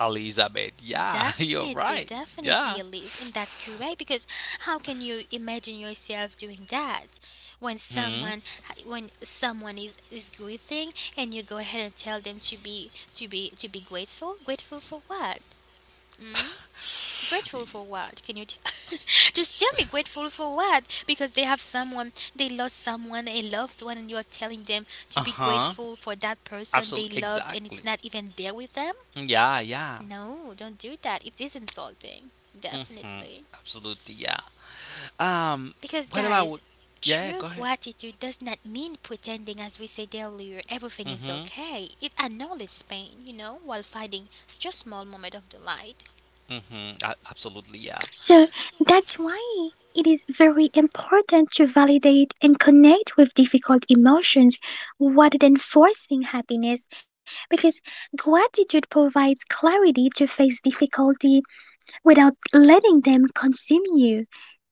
S2: Elizabeth. Yeah, you're
S1: Definitely,
S2: right.
S1: definitely,
S2: Yeah.
S1: Elise. And that's correct because how can you imagine yourself doing that when
S2: Hmm.
S1: someone when someone is grieving and you go ahead and tell them to be grateful? Grateful for what? Mm? Grateful for what? Just tell me grateful for what? Because they have someone, they lost someone, a loved one, and you're telling them
S2: Uh
S1: to be
S2: huh.
S1: grateful for that person they
S2: Absolutely.
S1: loved and it's
S2: Exactly.
S1: not even there with them?
S2: Yeah. Yeah.
S1: No, don't do that. It is insulting.
S2: Mm-hmm.
S1: Definitely.
S2: Absolutely, yeah. Um,
S1: Because,
S2: what about?
S1: guys,
S2: Yeah, yeah,
S1: true
S2: go ahead.
S1: gratitude does not mean pretending, as we said earlier, everything is
S2: Mm-hmm.
S1: okay. It acknowledges pain, you know, while finding such a small moment of delight.
S2: Mm-hmm. Absolutely, yeah.
S3: So that's why it is very important to validate and connect with difficult emotions rather than forcing happiness, because gratitude provides clarity to face difficulty without letting them consume you.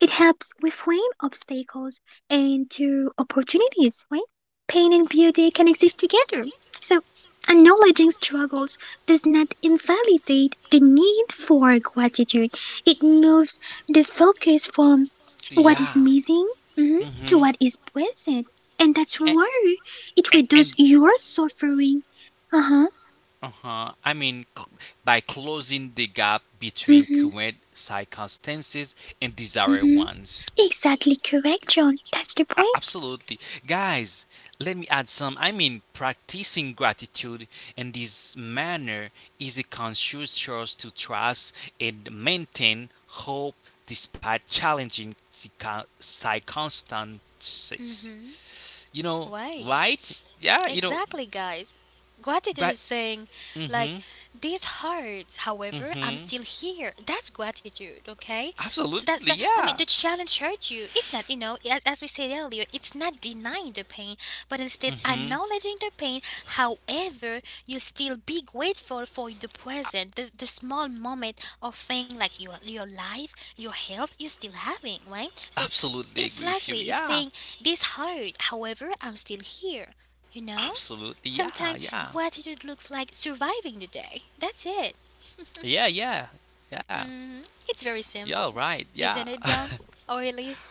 S3: It helps reframe obstacles into opportunities, right? Pain and beauty can exist together. So, acknowledging struggles does not invalidate the need for gratitude. It moves the focus from what
S2: Yeah.
S3: is missing, mhm, to
S2: Mm-hmm.
S3: what is present. And that's why it reduces
S2: And
S3: your suffering. Uh huh.
S2: Uh-huh. I mean, by closing the gap
S3: Mm
S2: between
S3: hmm.
S2: current circumstances and
S3: Mm
S2: desired
S3: hmm.
S2: ones.
S3: Exactly correct, John. That's the point.
S2: Absolutely. Guys, let me add some. I mean, practicing gratitude in this manner is a conscious choice to trust and maintain hope despite challenging
S1: Mm
S2: circumstances.
S1: hmm.
S2: You know,
S1: Why?
S2: right? Yeah, you know,
S1: Exactly, guys. Gratitude
S2: but.
S1: is saying,
S2: Mm
S1: like,
S2: hmm.
S1: this hurts.
S2: Mm
S1: However, I'm
S2: hmm.
S1: still here. That's gratitude, okay? That,
S2: Absolutely,
S1: that I mean, the
S2: yeah.
S1: challenge hurt you. It's not, you know, as we said earlier, it's not denying the pain, but instead
S2: hmm
S1: acknowledging the pain. However, you still be grateful for the present, the small moment of thing like your life, your health, you still having, right? So.
S2: Absolutely
S1: It's
S2: agree with you.
S1: likely it's
S2: Yeah.
S1: saying this hurt, however, I'm still here. You know?
S2: Absolutely, yeah,
S1: Sometimes
S2: yeah,
S1: gratitude looks like surviving the day. That's it.
S2: yeah, yeah, yeah.
S1: Hmm. It's very simple,
S2: You're right.
S1: isn't
S2: Yeah,
S1: it, John? Or at least,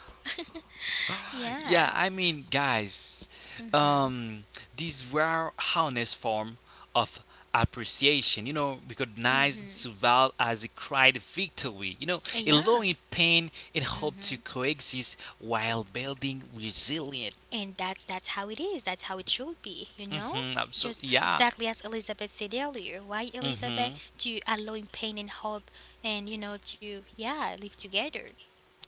S1: yeah.
S2: yeah. I mean, guys, um, these were honest form of appreciation. You know, recognize
S1: Hmm.
S2: survival as a cried victory. You know,
S1: Yeah.
S2: allowing pain and hope to coexist while building resilient.
S1: And that's how it is. That's how it should be, you know?
S2: Mm-hmm. Absolutely,
S1: Just
S2: yeah.
S1: exactly as Elizabeth said earlier. Why,
S2: Mm-hmm.
S1: Elizabeth? To allowing pain and hope and, you know, to, yeah, live together.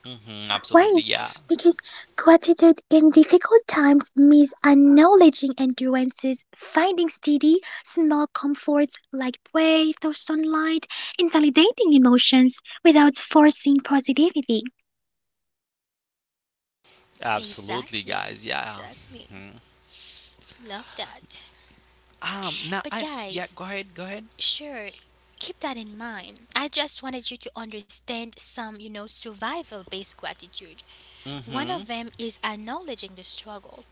S2: Mm-hmm.
S3: Way,
S2: Absolutely, yeah.
S3: because gratitude in difficult times means acknowledging endurances, finding steady, small comforts like breath or sunlight, and validating emotions without forcing positivity.
S2: Absolutely,
S1: Exactly.
S2: guys. Yeah.
S1: Exactly.
S2: Mhm.
S1: Love that.
S2: Now
S1: But
S2: I. Yeah.
S1: guys,
S2: Go ahead. Go ahead.
S1: sure, keep that in mind. I just wanted you to understand some, you know, survival based gratitude. One
S2: Mm-hmm.
S1: of them is acknowledging the struggle.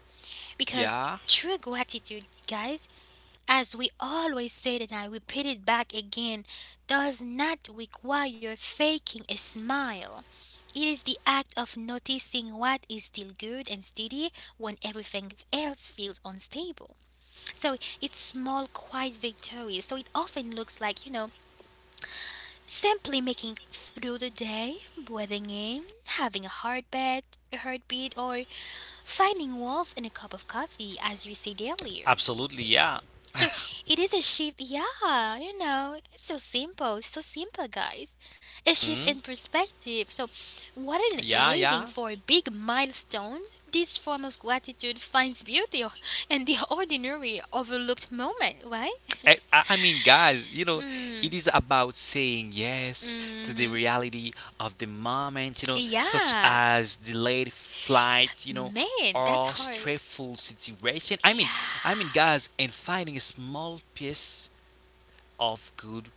S1: Because
S2: Yeah.
S1: true gratitude, guys, as we always said and I repeat it back again, does not require faking a smile. It is the act of noticing what is still good and steady when everything else feels unstable. So it's small, quiet victories. So it often looks like, you know, simply making through the day, breathing in, having a hard bed, a heartbeat, or finding warmth in a cup of coffee, as you said earlier.
S2: Absolutely. Yeah.
S1: So it is a shift, yeah, you know, it's so simple, guys. A shift in
S2: Mhm.
S1: perspective. So, what in
S2: Yeah.
S1: waiting
S2: Yeah.
S1: for big milestones, this form of gratitude finds beauty in the ordinary, overlooked moment, right?
S2: I mean, guys, you know,
S1: Mm,
S2: it is about saying yes to the
S1: hmm.
S2: reality of the moment, you know, such
S1: Yeah.
S2: as delayed flight, you know,
S1: Man, that's
S2: or
S1: hard.
S2: stressful situation.
S1: Yeah,
S2: I mean, guys, and finding a small piece of good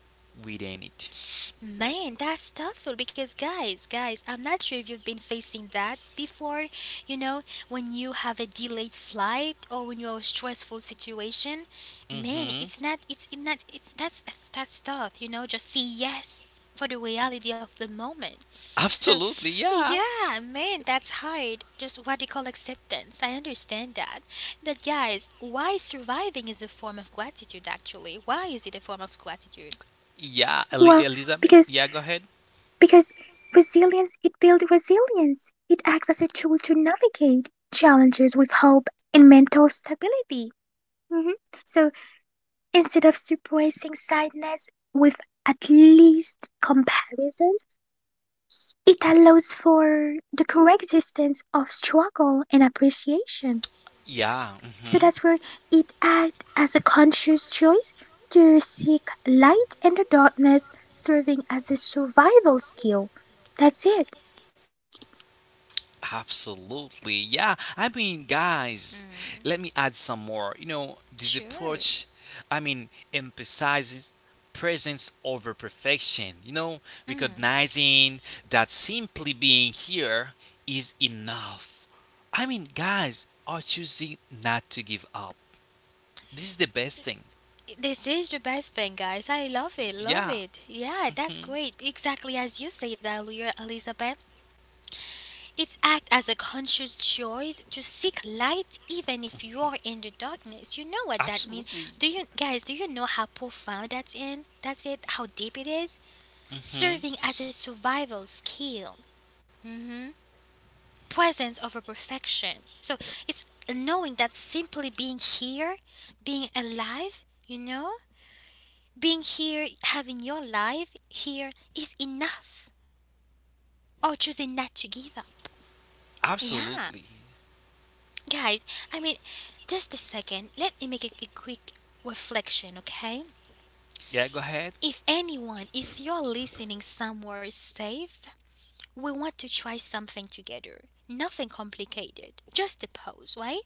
S2: within it.
S1: man, that's thoughtful because guys, I'm not sure if you've been facing that before, you know, when you have a delayed flight or when you're in a stressful situation. Man,
S2: Mm-hmm.
S1: it's not it's it not it's that's tough, you know, just say yes for the reality of the moment. So,
S2: Absolutely, yeah.
S1: yeah, man, that's hard. Just what they call acceptance. I understand that. But guys, why surviving is a form of gratitude actually? Why is it a form of gratitude?
S2: Yeah,
S3: Well,
S2: Elizabeth.
S3: because
S2: Yeah, go ahead.
S3: because resilience, it builds resilience. It acts as a tool to navigate challenges with hope and mental stability. Mhm. So instead of suppressing sadness with at least comparison. It allows for the coexistence of struggle and appreciation.
S2: Yeah,
S3: So
S2: hmm
S3: that's where it acts as a conscious choice to seek light in the darkness, serving as a survival skill. That's it.
S2: absolutely. Yeah, I mean, guys, let me
S1: Mm.
S2: add some more. You know, this
S1: Sure.
S2: approach, I mean, emphasizes presence over perfection. You know,
S1: Mm.
S2: recognizing that simply being here is enough. I mean, guys are choosing not to give up. This is the best thing.
S1: This is the best thing, guys. I love it. Love
S2: Yeah,
S1: it. Yeah, that's great. Exactly as you said earlier, Elizabeth. It acts as a conscious choice to seek light even if you are in the darkness. You know what that means.
S2: absolutely.
S1: Do you know how profound that's in? That's it, how deep it is?
S2: Hmm
S1: Serving as a survival skill. Presence over perfection. So it's knowing that simply being here, being alive, you know? Being here, having your life here is enough, or choosing not to give up. Yeah,
S2: Absolutely.
S1: guys, I mean, just a second, let me make a quick reflection, okay?
S2: Yeah, go ahead.
S1: If anyone, if you're listening somewhere safe, we want to try something together. Nothing complicated. Just a pause, right?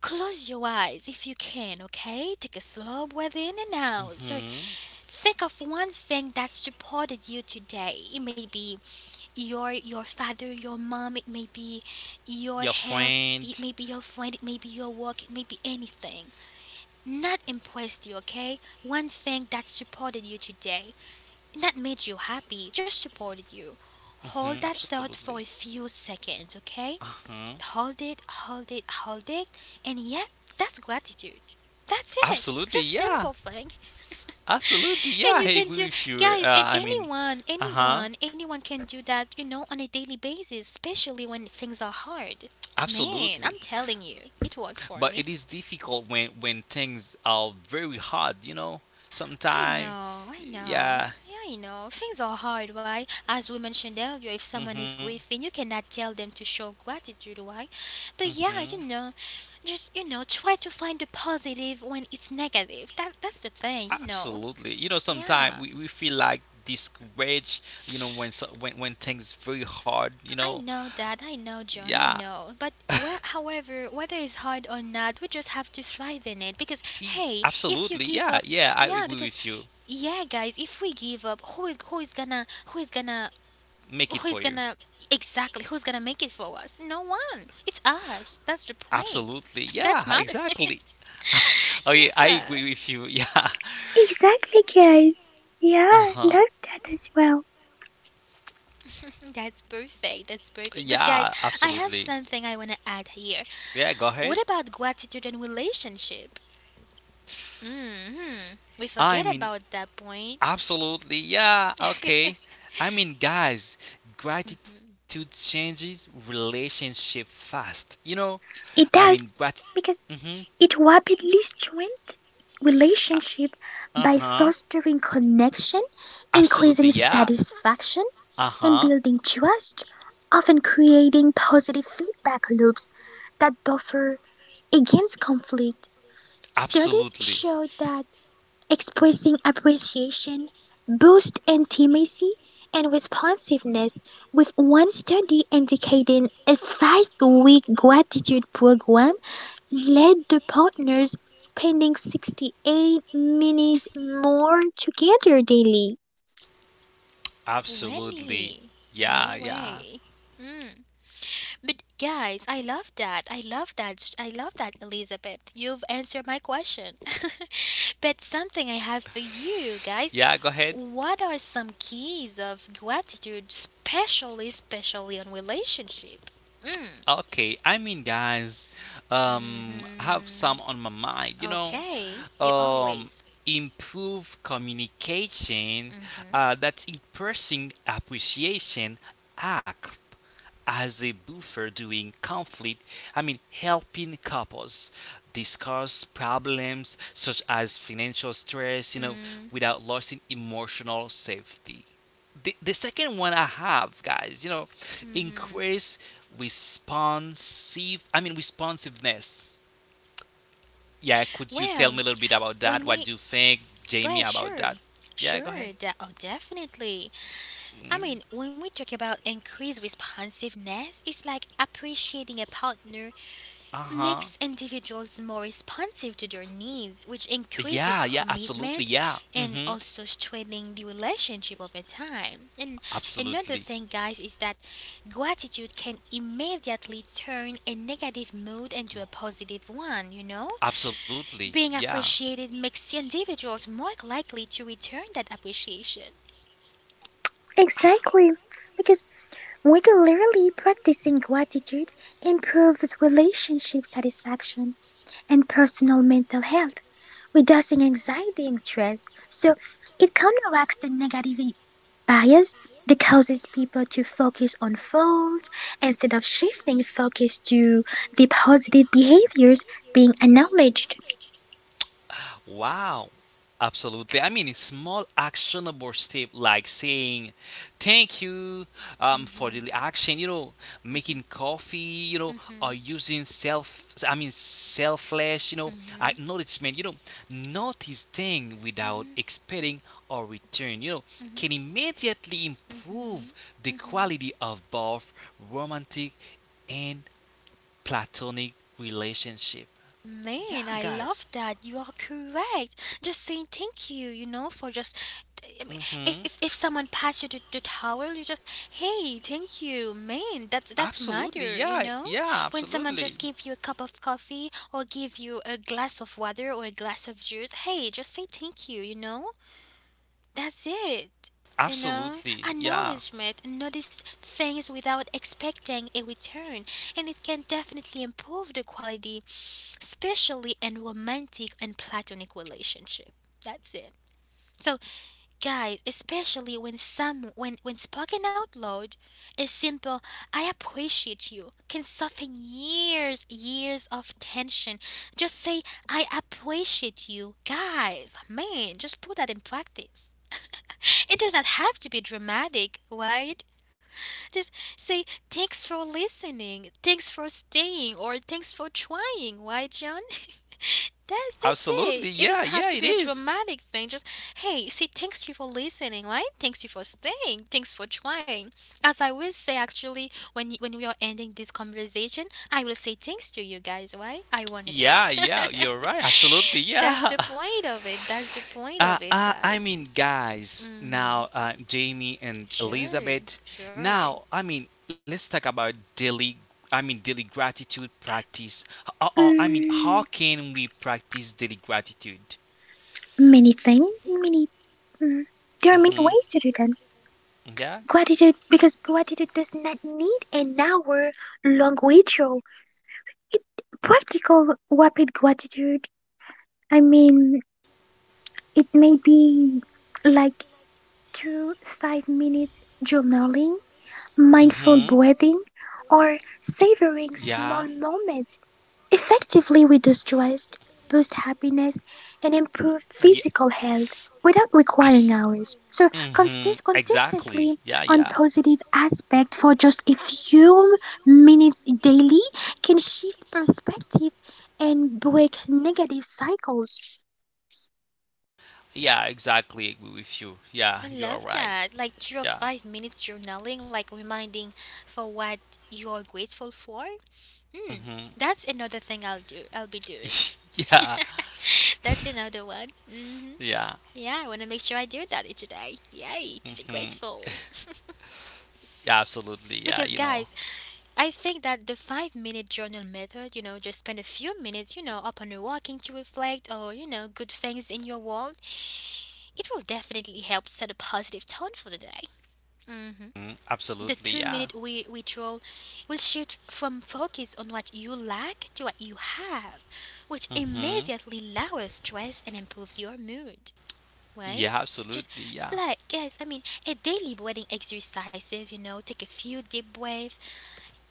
S1: Close your eyes if you can, okay? Take a slow breath in and out. So
S2: Hmm
S1: think of one thing that supported you today. It may be your father, your mom, it may be your
S2: Your
S1: health,
S2: friend.
S1: it may be your friend, it may be your work, it may be anything. Not impressed you, okay? One thing that supported you today, that made you happy, just supported you. Hold that
S2: Hmm
S1: thought
S2: Absolutely.
S1: for a few seconds, okay?
S2: Hmm
S1: Hold it, and yeah, that's gratitude. That's it.
S2: Absolutely.
S1: Just
S2: Yeah.
S1: simple thing.
S2: Absolutely.
S1: And
S2: Yeah,
S1: you
S2: I
S1: can
S2: agree
S1: do,
S2: with you.
S1: guys, and anyone,
S2: Uh huh.
S1: anyone, anyone can do that, you know, on a daily basis, especially when things are hard. Man,
S2: Absolutely.
S1: I'm telling you, it works for
S2: But
S1: me.
S2: it is difficult when things are very hard. You know,
S1: I
S2: sometimes.
S1: know, I know.
S2: Yeah.
S1: Yeah, I know. Things are hard, why? As we mentioned earlier, if someone is
S2: hmm
S1: grieving, you cannot tell them to show gratitude, why? But yeah,
S2: hmm
S1: you know, just you know, try to find the positive when it's negative. That's the thing, you know.
S2: Absolutely. You know, sometimes
S1: Yeah.
S2: we feel like discouraged. You know, when things very hard. You
S1: I
S2: know.
S1: know that, I know, John, I
S2: Yeah.
S1: know. However, whether it's hard or not, we just have to thrive in it. Because, hey, if you
S2: Absolutely.
S1: give
S2: Yeah.
S1: up,
S2: Yeah. I
S1: yeah,
S2: agree
S1: because,
S2: with you.
S1: yeah, guys, if we give up, who is gonna, who is gonna,
S2: Make
S1: who
S2: it
S1: is
S2: for you.
S1: gonna, exactly, who's gonna make it for us? No one. It's us. That's the point.
S2: Absolutely.
S1: That's
S2: Yeah,
S1: matter.
S2: exactly. Oh, yeah, I
S1: Yeah.
S2: agree with you. Yeah.
S3: Exactly, guys. Yeah, I
S2: Uh-huh.
S3: love that as well.
S1: That's perfect. That's perfect. But guys,
S2: Yeah,
S1: I have
S2: absolutely.
S1: something I want to add here.
S2: Yeah, go
S1: What
S2: ahead.
S1: about gratitude and relationship? Hmm. We
S2: I
S1: forget
S2: mean,
S1: about that point.
S2: absolutely. Yeah, okay. I mean, guys,
S1: Mhm.
S2: gratitude changes relationship fast. You know, I
S3: It
S2: mean,
S3: does,
S2: grat.
S3: because
S2: Mhm.
S3: it rapidly strengthens relationship
S2: Uh
S3: by
S2: huh.
S3: fostering connection,
S2: Absolutely.
S3: increasing
S2: Yeah.
S3: satisfaction,
S2: Uh
S3: and
S2: huh.
S3: building trust, often creating positive feedback loops that buffer against conflict. Studies
S2: Absolutely.
S3: show that expressing appreciation boosts intimacy and responsiveness, with one study indicating a 5-week gratitude program led to partners spending 68 minutes more together daily.
S2: Absolutely.
S1: Welly, no
S2: Yeah, yeah.
S1: way. Mm. But guys, I love that. I love that. I love that, Elizabeth. You've answered my question. But something I have for you guys.
S2: Yeah, go ahead.
S1: What are some keys of gratitude, especially on relationship? Mm.
S2: Okay, I mean, guys, I have
S1: Mm-hmm.
S2: some on my mind.
S1: Okay, you
S2: Um,
S1: always.
S2: improve communication. That's expressing appreciation act as a buffer during conflict. I mean, helping couples discuss problems such as financial stress, you know,
S1: Mm.
S2: without losing emotional safety. The second one I have, guys, you know,
S1: Mm-hmm.
S2: increase responsive. I mean, responsiveness. Yeah, could you tell me
S1: Well,
S2: a little bit about that?
S1: when
S2: What
S1: we
S2: do you think,
S1: go
S2: Jamie,
S1: ahead,
S2: about
S1: sure,
S2: that? Yeah, go ahead.
S1: sure, de- oh, definitely. I
S2: Mm,
S1: mean, when we talk about increased responsiveness, it's like appreciating a partner
S2: uh huh.
S1: makes individuals more responsive to their needs, which increases
S2: Yeah, yeah, absolutely.
S1: commitment
S2: Yeah. Mm
S1: and
S2: hmm.
S1: also strengthening the relationship over time. And another
S2: Absolutely.
S1: thing, guys, is that gratitude can immediately turn a negative mood into a positive one, you know?
S2: Absolutely,
S1: Being
S2: yeah.
S1: appreciated makes individuals more likely to return that appreciation.
S2: Ah,
S3: Exactly, because regularly practicing gratitude improves relationship satisfaction and personal mental health, reducing anxiety and stress. So it counteracts the negative bias that causes people to focus on faults instead of shifting focus to the positive behaviors being acknowledged.
S2: wow. Absolutely. I mean, a small actionable step like saying thank you for
S1: Mhm,
S2: the action, you know, making coffee, you know, or
S1: mhm,
S2: using selfless, you know,
S1: mhm,
S2: acknowledgement, you know, notice thing without
S1: mhm,
S2: expecting a return, you know,
S1: mhm,
S2: can immediately
S1: mhm,
S2: improve the
S1: mhm.
S2: quality of both romantic and platonic relationship.
S1: Man,
S2: Yeah,
S1: I
S2: guys.
S1: love that. You are correct. Just saying thank you, you know, for just. I mean, If,
S2: Mm-hmm.
S1: if, if someone passed you the towel, you just hey, thank you, man. That's
S2: Absolutely.
S1: matter, you
S2: Yeah.
S1: know.
S2: Yeah.
S1: When someone
S2: Absolutely.
S1: just give you a cup of coffee or give you a glass of water or a glass of juice, hey, just say thank you, you know. That's it. You know,
S2: Absolutely. Yeah.
S1: acknowledgement, notice things without expecting a return, and it can definitely improve the quality, especially in romantic and platonic relationship. That's it. So, guys, especially when some when spoken out loud, a simple "I appreciate you" can soften years of tension. Just say "I appreciate you," guys. Man, just put that in practice. It does not have to be dramatic, right? Just say thanks for listening, thanks for staying, or thanks for trying, right, John? That's
S2: Absolutely.
S1: it. It
S2: Yeah.
S1: doesn't have
S2: Yeah.
S1: to
S2: It
S1: be a
S2: is.
S1: dramatic thing. Just hey, say thanks you for listening, right? Thanks you for staying, thanks for trying. As I will say actually, when when we are ending this conversation, I will say thanks to you guys, right? Ironically,
S2: Yeah. Yeah. You're right. Absolutely.
S1: that's
S2: Yeah.
S1: the point of it. That's the point of it,
S2: I
S1: guys.
S2: mean, guys,
S1: Mm-hmm.
S2: now Jamie and
S1: Sure,
S2: Elizabeth.
S1: sure.
S2: Now, I mean, let's talk about daily. I mean, daily gratitude practice. I mean, how
S3: Mm,
S2: can we practice daily gratitude?
S3: many things, many, mm, there are many
S2: Mm-hmm.
S3: ways to do that.
S2: Yeah.
S3: Gratitude, because gratitude does not need an hour long ritual. Practical rapid gratitude, I mean, it may be like 2, 5 minutes journaling, mindful
S2: Mm-hmm.
S3: breathing, or savoring
S2: Yeah.
S3: small moments. Effectively, we do stress, boost happiness, and improve
S2: Yeah.
S3: physical health without
S2: Abs-
S3: requiring hours. So
S2: hmm. Exactly.
S3: consistently
S2: Yeah.
S3: on
S2: Yeah.
S3: positive aspect for just a few minutes daily can shift perspective and break negative cycles.
S2: Yeah. Exactly. Agree with you. Yeah.
S1: I
S2: You're
S1: love
S2: right.
S1: that. Like three or
S2: Yeah.
S1: five minutes journaling, like reminding for what you're grateful for. Hmm.
S2: Hmm.
S1: That's another thing I'll do. I'll be doing.
S2: Yeah.
S1: That's another one. Hmm.
S2: Yeah.
S1: Yeah, I want to make sure I do that each day. Yay, to be
S2: Hmm.
S1: grateful.
S2: Yeah. Absolutely.
S1: Because,
S2: Yeah. You
S1: guys,
S2: know.
S1: I think that the 5 minute journal method, you know, just spend a few minutes, you know, upon your walking to reflect or, you know, good things in your world, it will definitely help set a positive tone for the day.
S2: Mhm.
S1: The
S2: Absolutely.
S1: 2 minute
S2: Yeah.
S1: we withdrawal will shift from focus on what you lack to what you have, which
S2: Hmm.
S1: immediately lowers stress and improves your mood. Right?
S2: Yeah.
S1: Just
S2: Absolutely. Yeah.
S1: like guys, I mean a daily breathing exercises, you know, take a few deep breaths,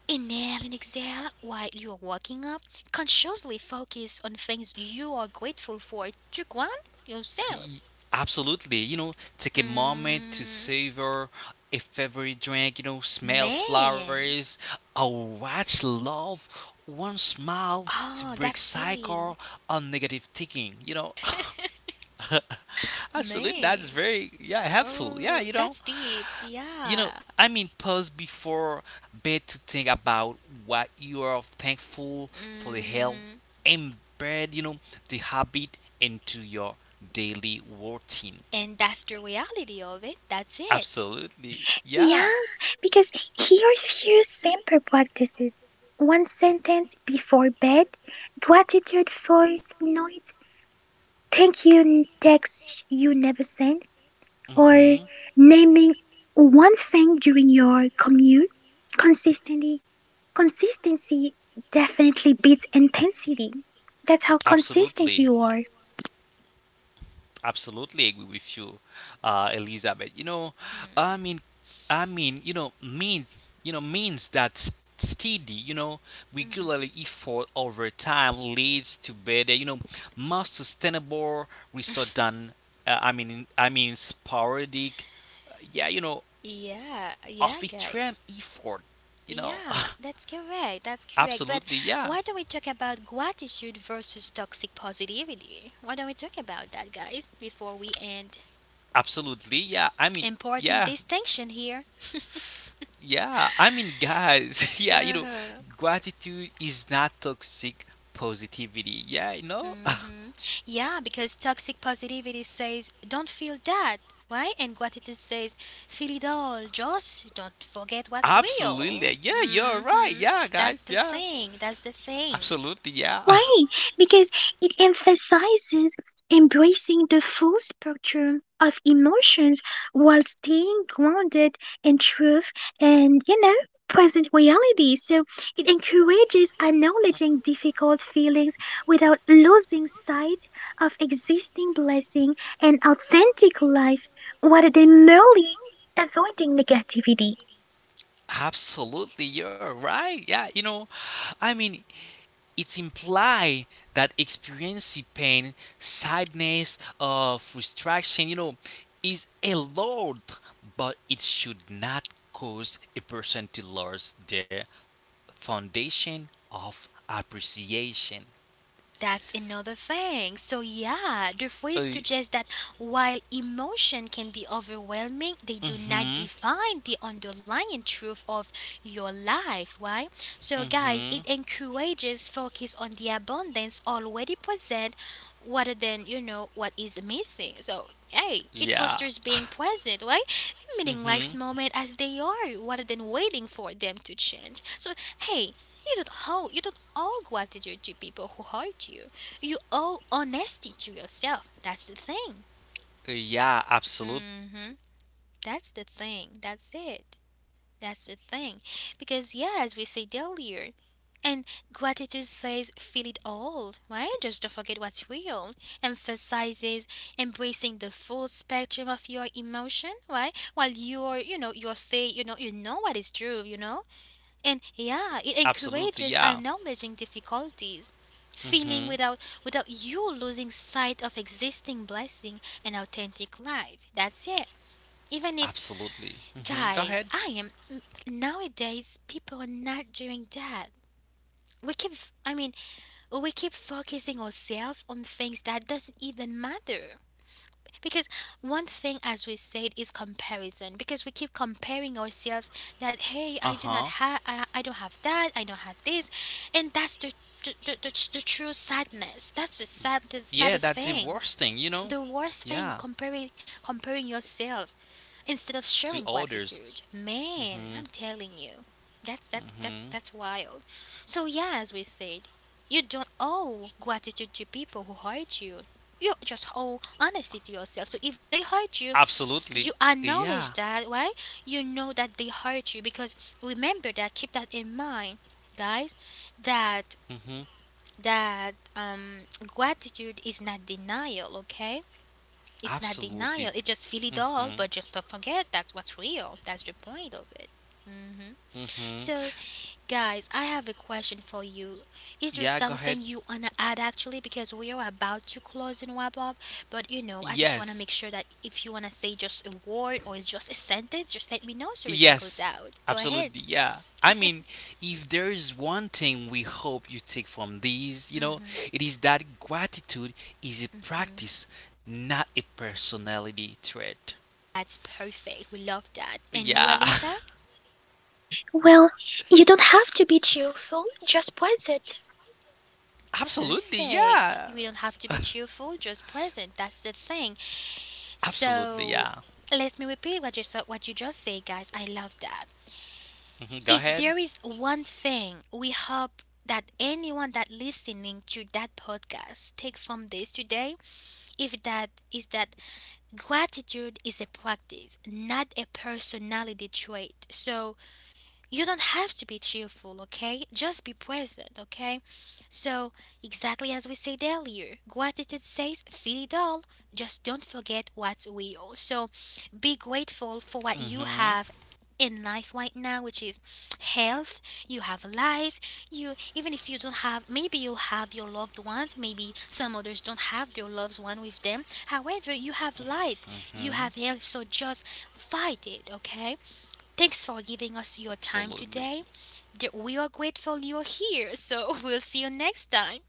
S1: inhale and exhale while you're waking up. Consciously focus on things you are grateful for to ground yourself.
S2: Y- Absolutely. You know, take a moment to
S1: Mm,
S2: savor a favorite drink, you know, smell
S1: man.
S2: flowers, or watch love, one smile to
S1: Oh,
S2: break
S1: that feeling.
S2: cycle on negative thinking. You know, actually, that's
S1: Man,
S2: very, yeah, helpful. Yeah,
S1: oh, that's deep.
S2: you know,
S1: Yeah.
S2: I mean, pause before bed to think about what you are thankful for the help
S1: Hmm.
S2: embed, you know, the habit into your daily routine.
S1: And that's the reality of it. That's it.
S2: Absolutely.
S3: Yeah,
S2: Yeah.
S3: because here are few simple practices. One sentence before bed, gratitude voice note, thank you text you never send, or
S2: Mhm.
S3: naming one thing during your commute. Consistently, consistency definitely beats intensity. That's how consistent
S2: Absolutely.
S3: you are.
S2: Absolutely agree with you, Elizabeth. You know, I mean, I mean, you know, mean, you know, means that steady, you know, regularly effort over time leads to better, you know, more sustainable result than, sporadic, yeah, you know,
S1: Yeah, yeah,
S2: of
S1: guys.
S2: extreme effort, you know.
S1: Yeah, that's correct. That's correct. But
S2: Absolutely, yeah.
S1: why don't we talk about gratitude versus toxic positivity? Why don't we talk about that, guys, before we end?
S2: Absolutely, yeah. I mean,
S1: Important
S2: yeah,
S1: distinction here.
S2: yeah. I mean, guys, yeah, you know,
S1: Uh-huh.
S2: gratitude is not toxic positivity. Yeah, you know?
S1: Hmm. Yeah, because toxic positivity says, don't feel that, right? And gratitude says, feel it all, just don't forget what's real.
S2: Absolutely. Yeah, you're right.
S1: Hmm.
S2: Yeah, guys.
S1: That's the
S2: Yeah.
S1: thing, that's the thing.
S2: Absolutely, yeah.
S3: Why? Because it emphasizes embracing the full spectrum of emotions while staying grounded in truth and, you know, present reality. So it encourages acknowledging difficult feelings without losing sight of existing blessing and authentic life rather than merely avoiding negativity.
S2: Absolutely, you're right. Yeah, you know, I mean, it's imply that experiencing pain, sadness, or frustration, you know, is allowed, but it should not cause a person to lose their foundation of appreciation.
S1: That's another thing. So, yeah, the phrase
S2: Uh,
S1: suggests that while emotion can be overwhelming, they do not
S2: mhm,
S1: define the underlying truth of your life, right? So, guys,
S2: mhm,
S1: it encourages focus on the abundance already present rather than, what is missing. So, hey, it
S2: yeah,
S1: fosters being present, right? Meaning life's
S2: mhm,
S1: moment as they are rather than waiting for them to change. So, hey, you don't owe gratitude to people who hurt you. You owe honesty to yourself. That's the thing.
S2: yeah, absolutely,
S1: Mm hmm That's the thing. That's it. That's the thing. Because yeah, as we said earlier, and gratitude says feel it all, right? Just don't forget what's real. Emphasizes embracing the full spectrum of your emotion, right? While you're you're say you know what is true, and yeah it
S2: absolutely,
S1: encourages
S2: yeah,
S1: acknowledging difficulties feeling
S2: mhm,
S1: without you losing sight of existing blessing and authentic life, that's it, even if
S2: absolutely, mhm.
S1: guys
S2: Go
S1: I
S2: ahead.
S1: am, nowadays people are not doing that. We keep, I mean, we keep focusing ourselves on things that doesn't even matter, because one thing as we said is comparison, because we keep comparing ourselves that hey
S2: Uh
S1: I do not
S2: huh.
S1: have, I don't have that, I don't have this. And that's the the true sadness, that's the
S2: Yeah,
S1: saddest
S2: that's the
S1: thing,
S2: worst thing, you know.
S1: the worst thing,
S2: Yeah,
S1: comparing yourself instead of showing
S2: to
S1: gratitude.
S2: others.
S1: Man, I'm
S2: Mhm.
S1: telling you.
S2: Hmm.
S1: That's wild. So yeah, as we said, you don't owe gratitude to people who hurt you. You just owe honesty to yourself. So if they hurt you, you
S2: Absolutely.
S1: acknowledge
S2: Yeah.
S1: that, right? You know that they hurt you, because remember that, keep that in mind, guys, that
S2: Hmm.
S1: that gratitude is not denial, okay? It's not
S2: Absolutely.
S1: denial. It just feel it
S2: Hmm.
S1: all, but just don't forget that's what's real. That's the point of it. Hmm.
S2: Hmm.
S1: So, guys, I have a question for you. Is there
S2: Yeah, go
S1: something
S2: ahead.
S1: you wanna add actually? Because we are about to close and wrap up, but you know, I just wanna
S2: Yes.
S1: make sure that if you wanna say just a word or it's just a sentence, just let me know so we can close
S2: Yes.
S1: out. Go ahead.
S2: Absolutely. Yeah. I mean, if there is one thing we hope you take from these, you know, it is that gratitude is a practice, not a personality trait.
S1: That's perfect. We love that. And you,
S2: Yeah.
S1: Eliza?
S3: Well, you don't have to be cheerful, just present.
S2: Absolutely.
S1: Perfect.
S2: Yeah.
S1: You don't have to be cheerful, just present. That's the thing.
S2: Absolutely.
S1: So
S2: Yeah.
S1: let me repeat what you so what you just say, guys. I love that.
S2: Hmm. Go
S1: If
S2: ahead.
S1: there is one thing we hope that anyone that listening to that podcast take from this today, if that is that gratitude is a practice, not a personality trait. So you don't have to be cheerful, okay? Just be present, okay? So, exactly as we said earlier, gratitude says, feel it all, just don't forget what's real. So, be grateful for what
S2: Hmm.
S1: you have in life right now, which is health. You have a life, you, even if you don't have, maybe you have your loved ones, maybe some others don't have their loved one with them, however you have life,
S2: Hmm.
S1: you have health, so just fight it, okay. Thanks for giving us your
S2: Absolutely.
S1: time today. We are grateful you're here, so we'll see you next time.